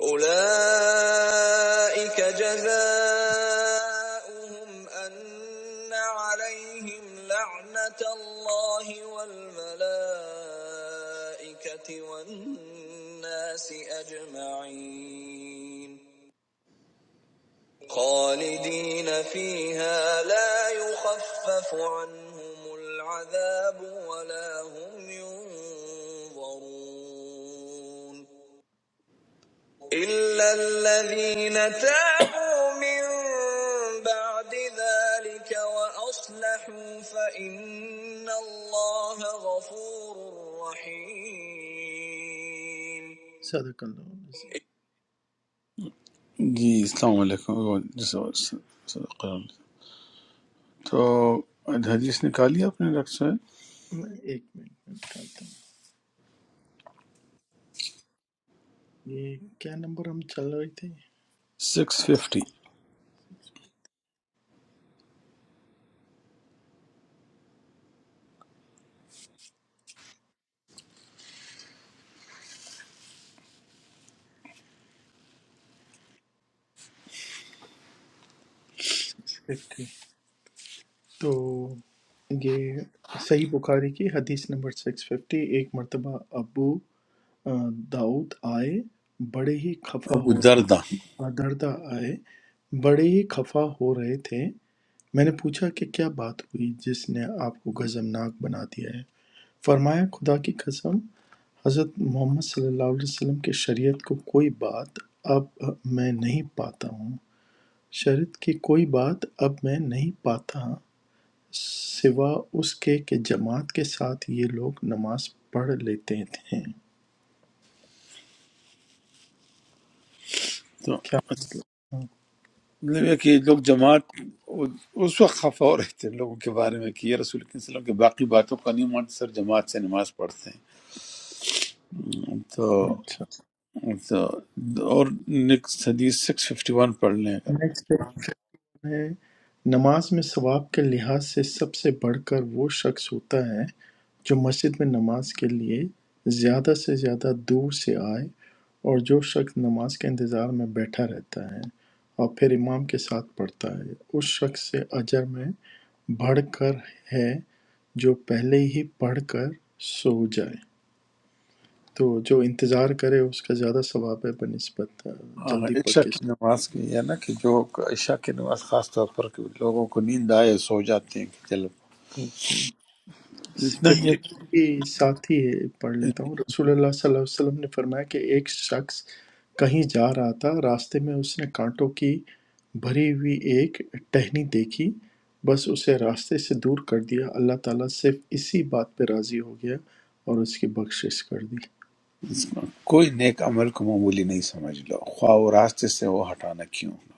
أولئك جزاؤهم أن عليهم لعنة الله والملائكة والناس أجمعين خالدين فيها لا يخفف عنهم العذاب ولا هم ينظرون إلا الذين تابوا من بعد ذلك وأصلحوا فإن الله غفور رحيم صدق اللہ علیہ وسلم۔
جی، السلام علیکم تو حدیث نکالی آپ نے ڈاکٹر صاحب
میں ایک منٹ میں نکالتا ہوں یہ کیا نمبر ہم چل رہے تھے
سکس ففٹی
ففٹی تو یہ صحیح بخاری کی حدیث نمبر سکس ففٹی ایک مرتبہ ابو آ، داؤد آئے بڑے ہی خفا
ابو
ہو
دردہ
آگردہ آئے، بڑے ہی خفا ہو رہے تھے میں نے پوچھا کہ کیا بات ہوئی جس نے آپ کو غضبناک بنا دیا ہے فرمایا خدا کی قسم حضرت محمد صلی اللہ علیہ وسلم کے شریعت کو کوئی بات اب میں نہیں پاتا ہوں شریعت کی کوئی بات اب میں نہیں پاتا ہاں، سوا اس کے کہ جماعت کے ساتھ یہ لوگ نماز پڑھ لیتے تھے
تو
کیا
اچھا، مطلب یہ کہ لوگ جماعت اس وقت خفا ہو رہے تھے لوگوں کے بارے میں کہ یہ رسول کے وسلم کے باقی باتوں کا نہیں مانتے سر جماعت سے نماز پڑھتے ہیں تو,
اچھا
تو اور نیکسٹ حدیث سکس ففٹی ون پڑھ لیں اگر
نیکسٹ ہے نماز میں ثواب کے لحاظ سے سب سے بڑھ کر وہ شخص ہوتا ہے جو مسجد میں نماز کے لیے زیادہ سے زیادہ دور سے آئے اور جو شخص نماز کے انتظار میں بیٹھا رہتا ہے اور پھر امام کے ساتھ پڑھتا ہے اس شخص سے اجر میں بڑھ کر ہے جو پہلے ہی پڑھ کر سو جائے تو جو انتظار کرے اس کا زیادہ ثواب ہے بہ نسبت آ،
ہاں،
جلدی پڑھ
عشاء
کے
کی نماز کی ہے نا کہ جو عشاء کی نماز خاص طور پر کہ لوگوں کو نیند آئے سو جاتے ہیں کہ چلو
سو
اتنا ہی
ففٹی
ہے
ٹو کی ساتھی ہے پڑھ لیتا ہوں رسول اللہ صلی اللہ علیہ وسلم نے فرمایا کہ ایک شخص کہیں جا رہا تھا راستے میں اس نے کانٹوں کی بھری ہوئی ایک ٹہنی دیکھی بس اسے راستے سے دور کر دیا اللہ تعالیٰ صرف اسی بات پہ راضی ہو گیا اور اس کی بخشش کر دی
کوئی نیک عمل کو معمولی نہیں سمجھ لو خواہ وہ راستے سے ہو ہٹانا کیوں نہ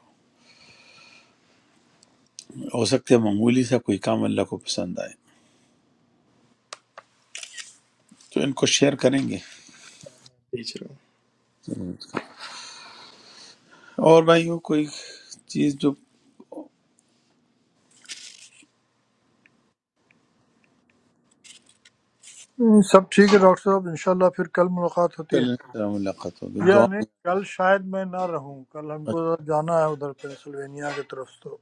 ہو ہو سکتا ہے معمولی سا کوئی کام اللہ کو پسند آئے تو ان کو شیئر کریں گے
بھیج رہا
اور بھائیوں کوئی چیز جو
بے- سب ٹھیک ہے ڈاکٹر صاحب انشاءاللہ پھر کل ملاقات ہوتی
کل
ہے
انشاءاللہ ملاقات ہوگی
یا
دعا
نہیں کل شاید میں نہ رہوں کل ہم
میں-
کو ذرا جانا ہے ادھر پینسلوینیا کی طرف تو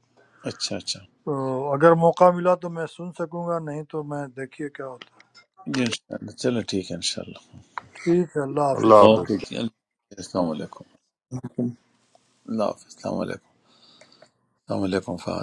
اچھا اچھا
تو اگر موقع ملا تو میں سن سکوں گا نہیں تو میں دیکھیے کیا ہوتا
جی انشاءاللہ چلو ٹھیک ہے انشاءاللہ
ہے۔ ٹھیک ہے اللہ حافظ
اللہ
السلام
اوکے
حافظ
جی اللہ حافظ۔ السلام علیکم
ہوں
اللہ حافظ السلام علیکم السلام علیکم فہد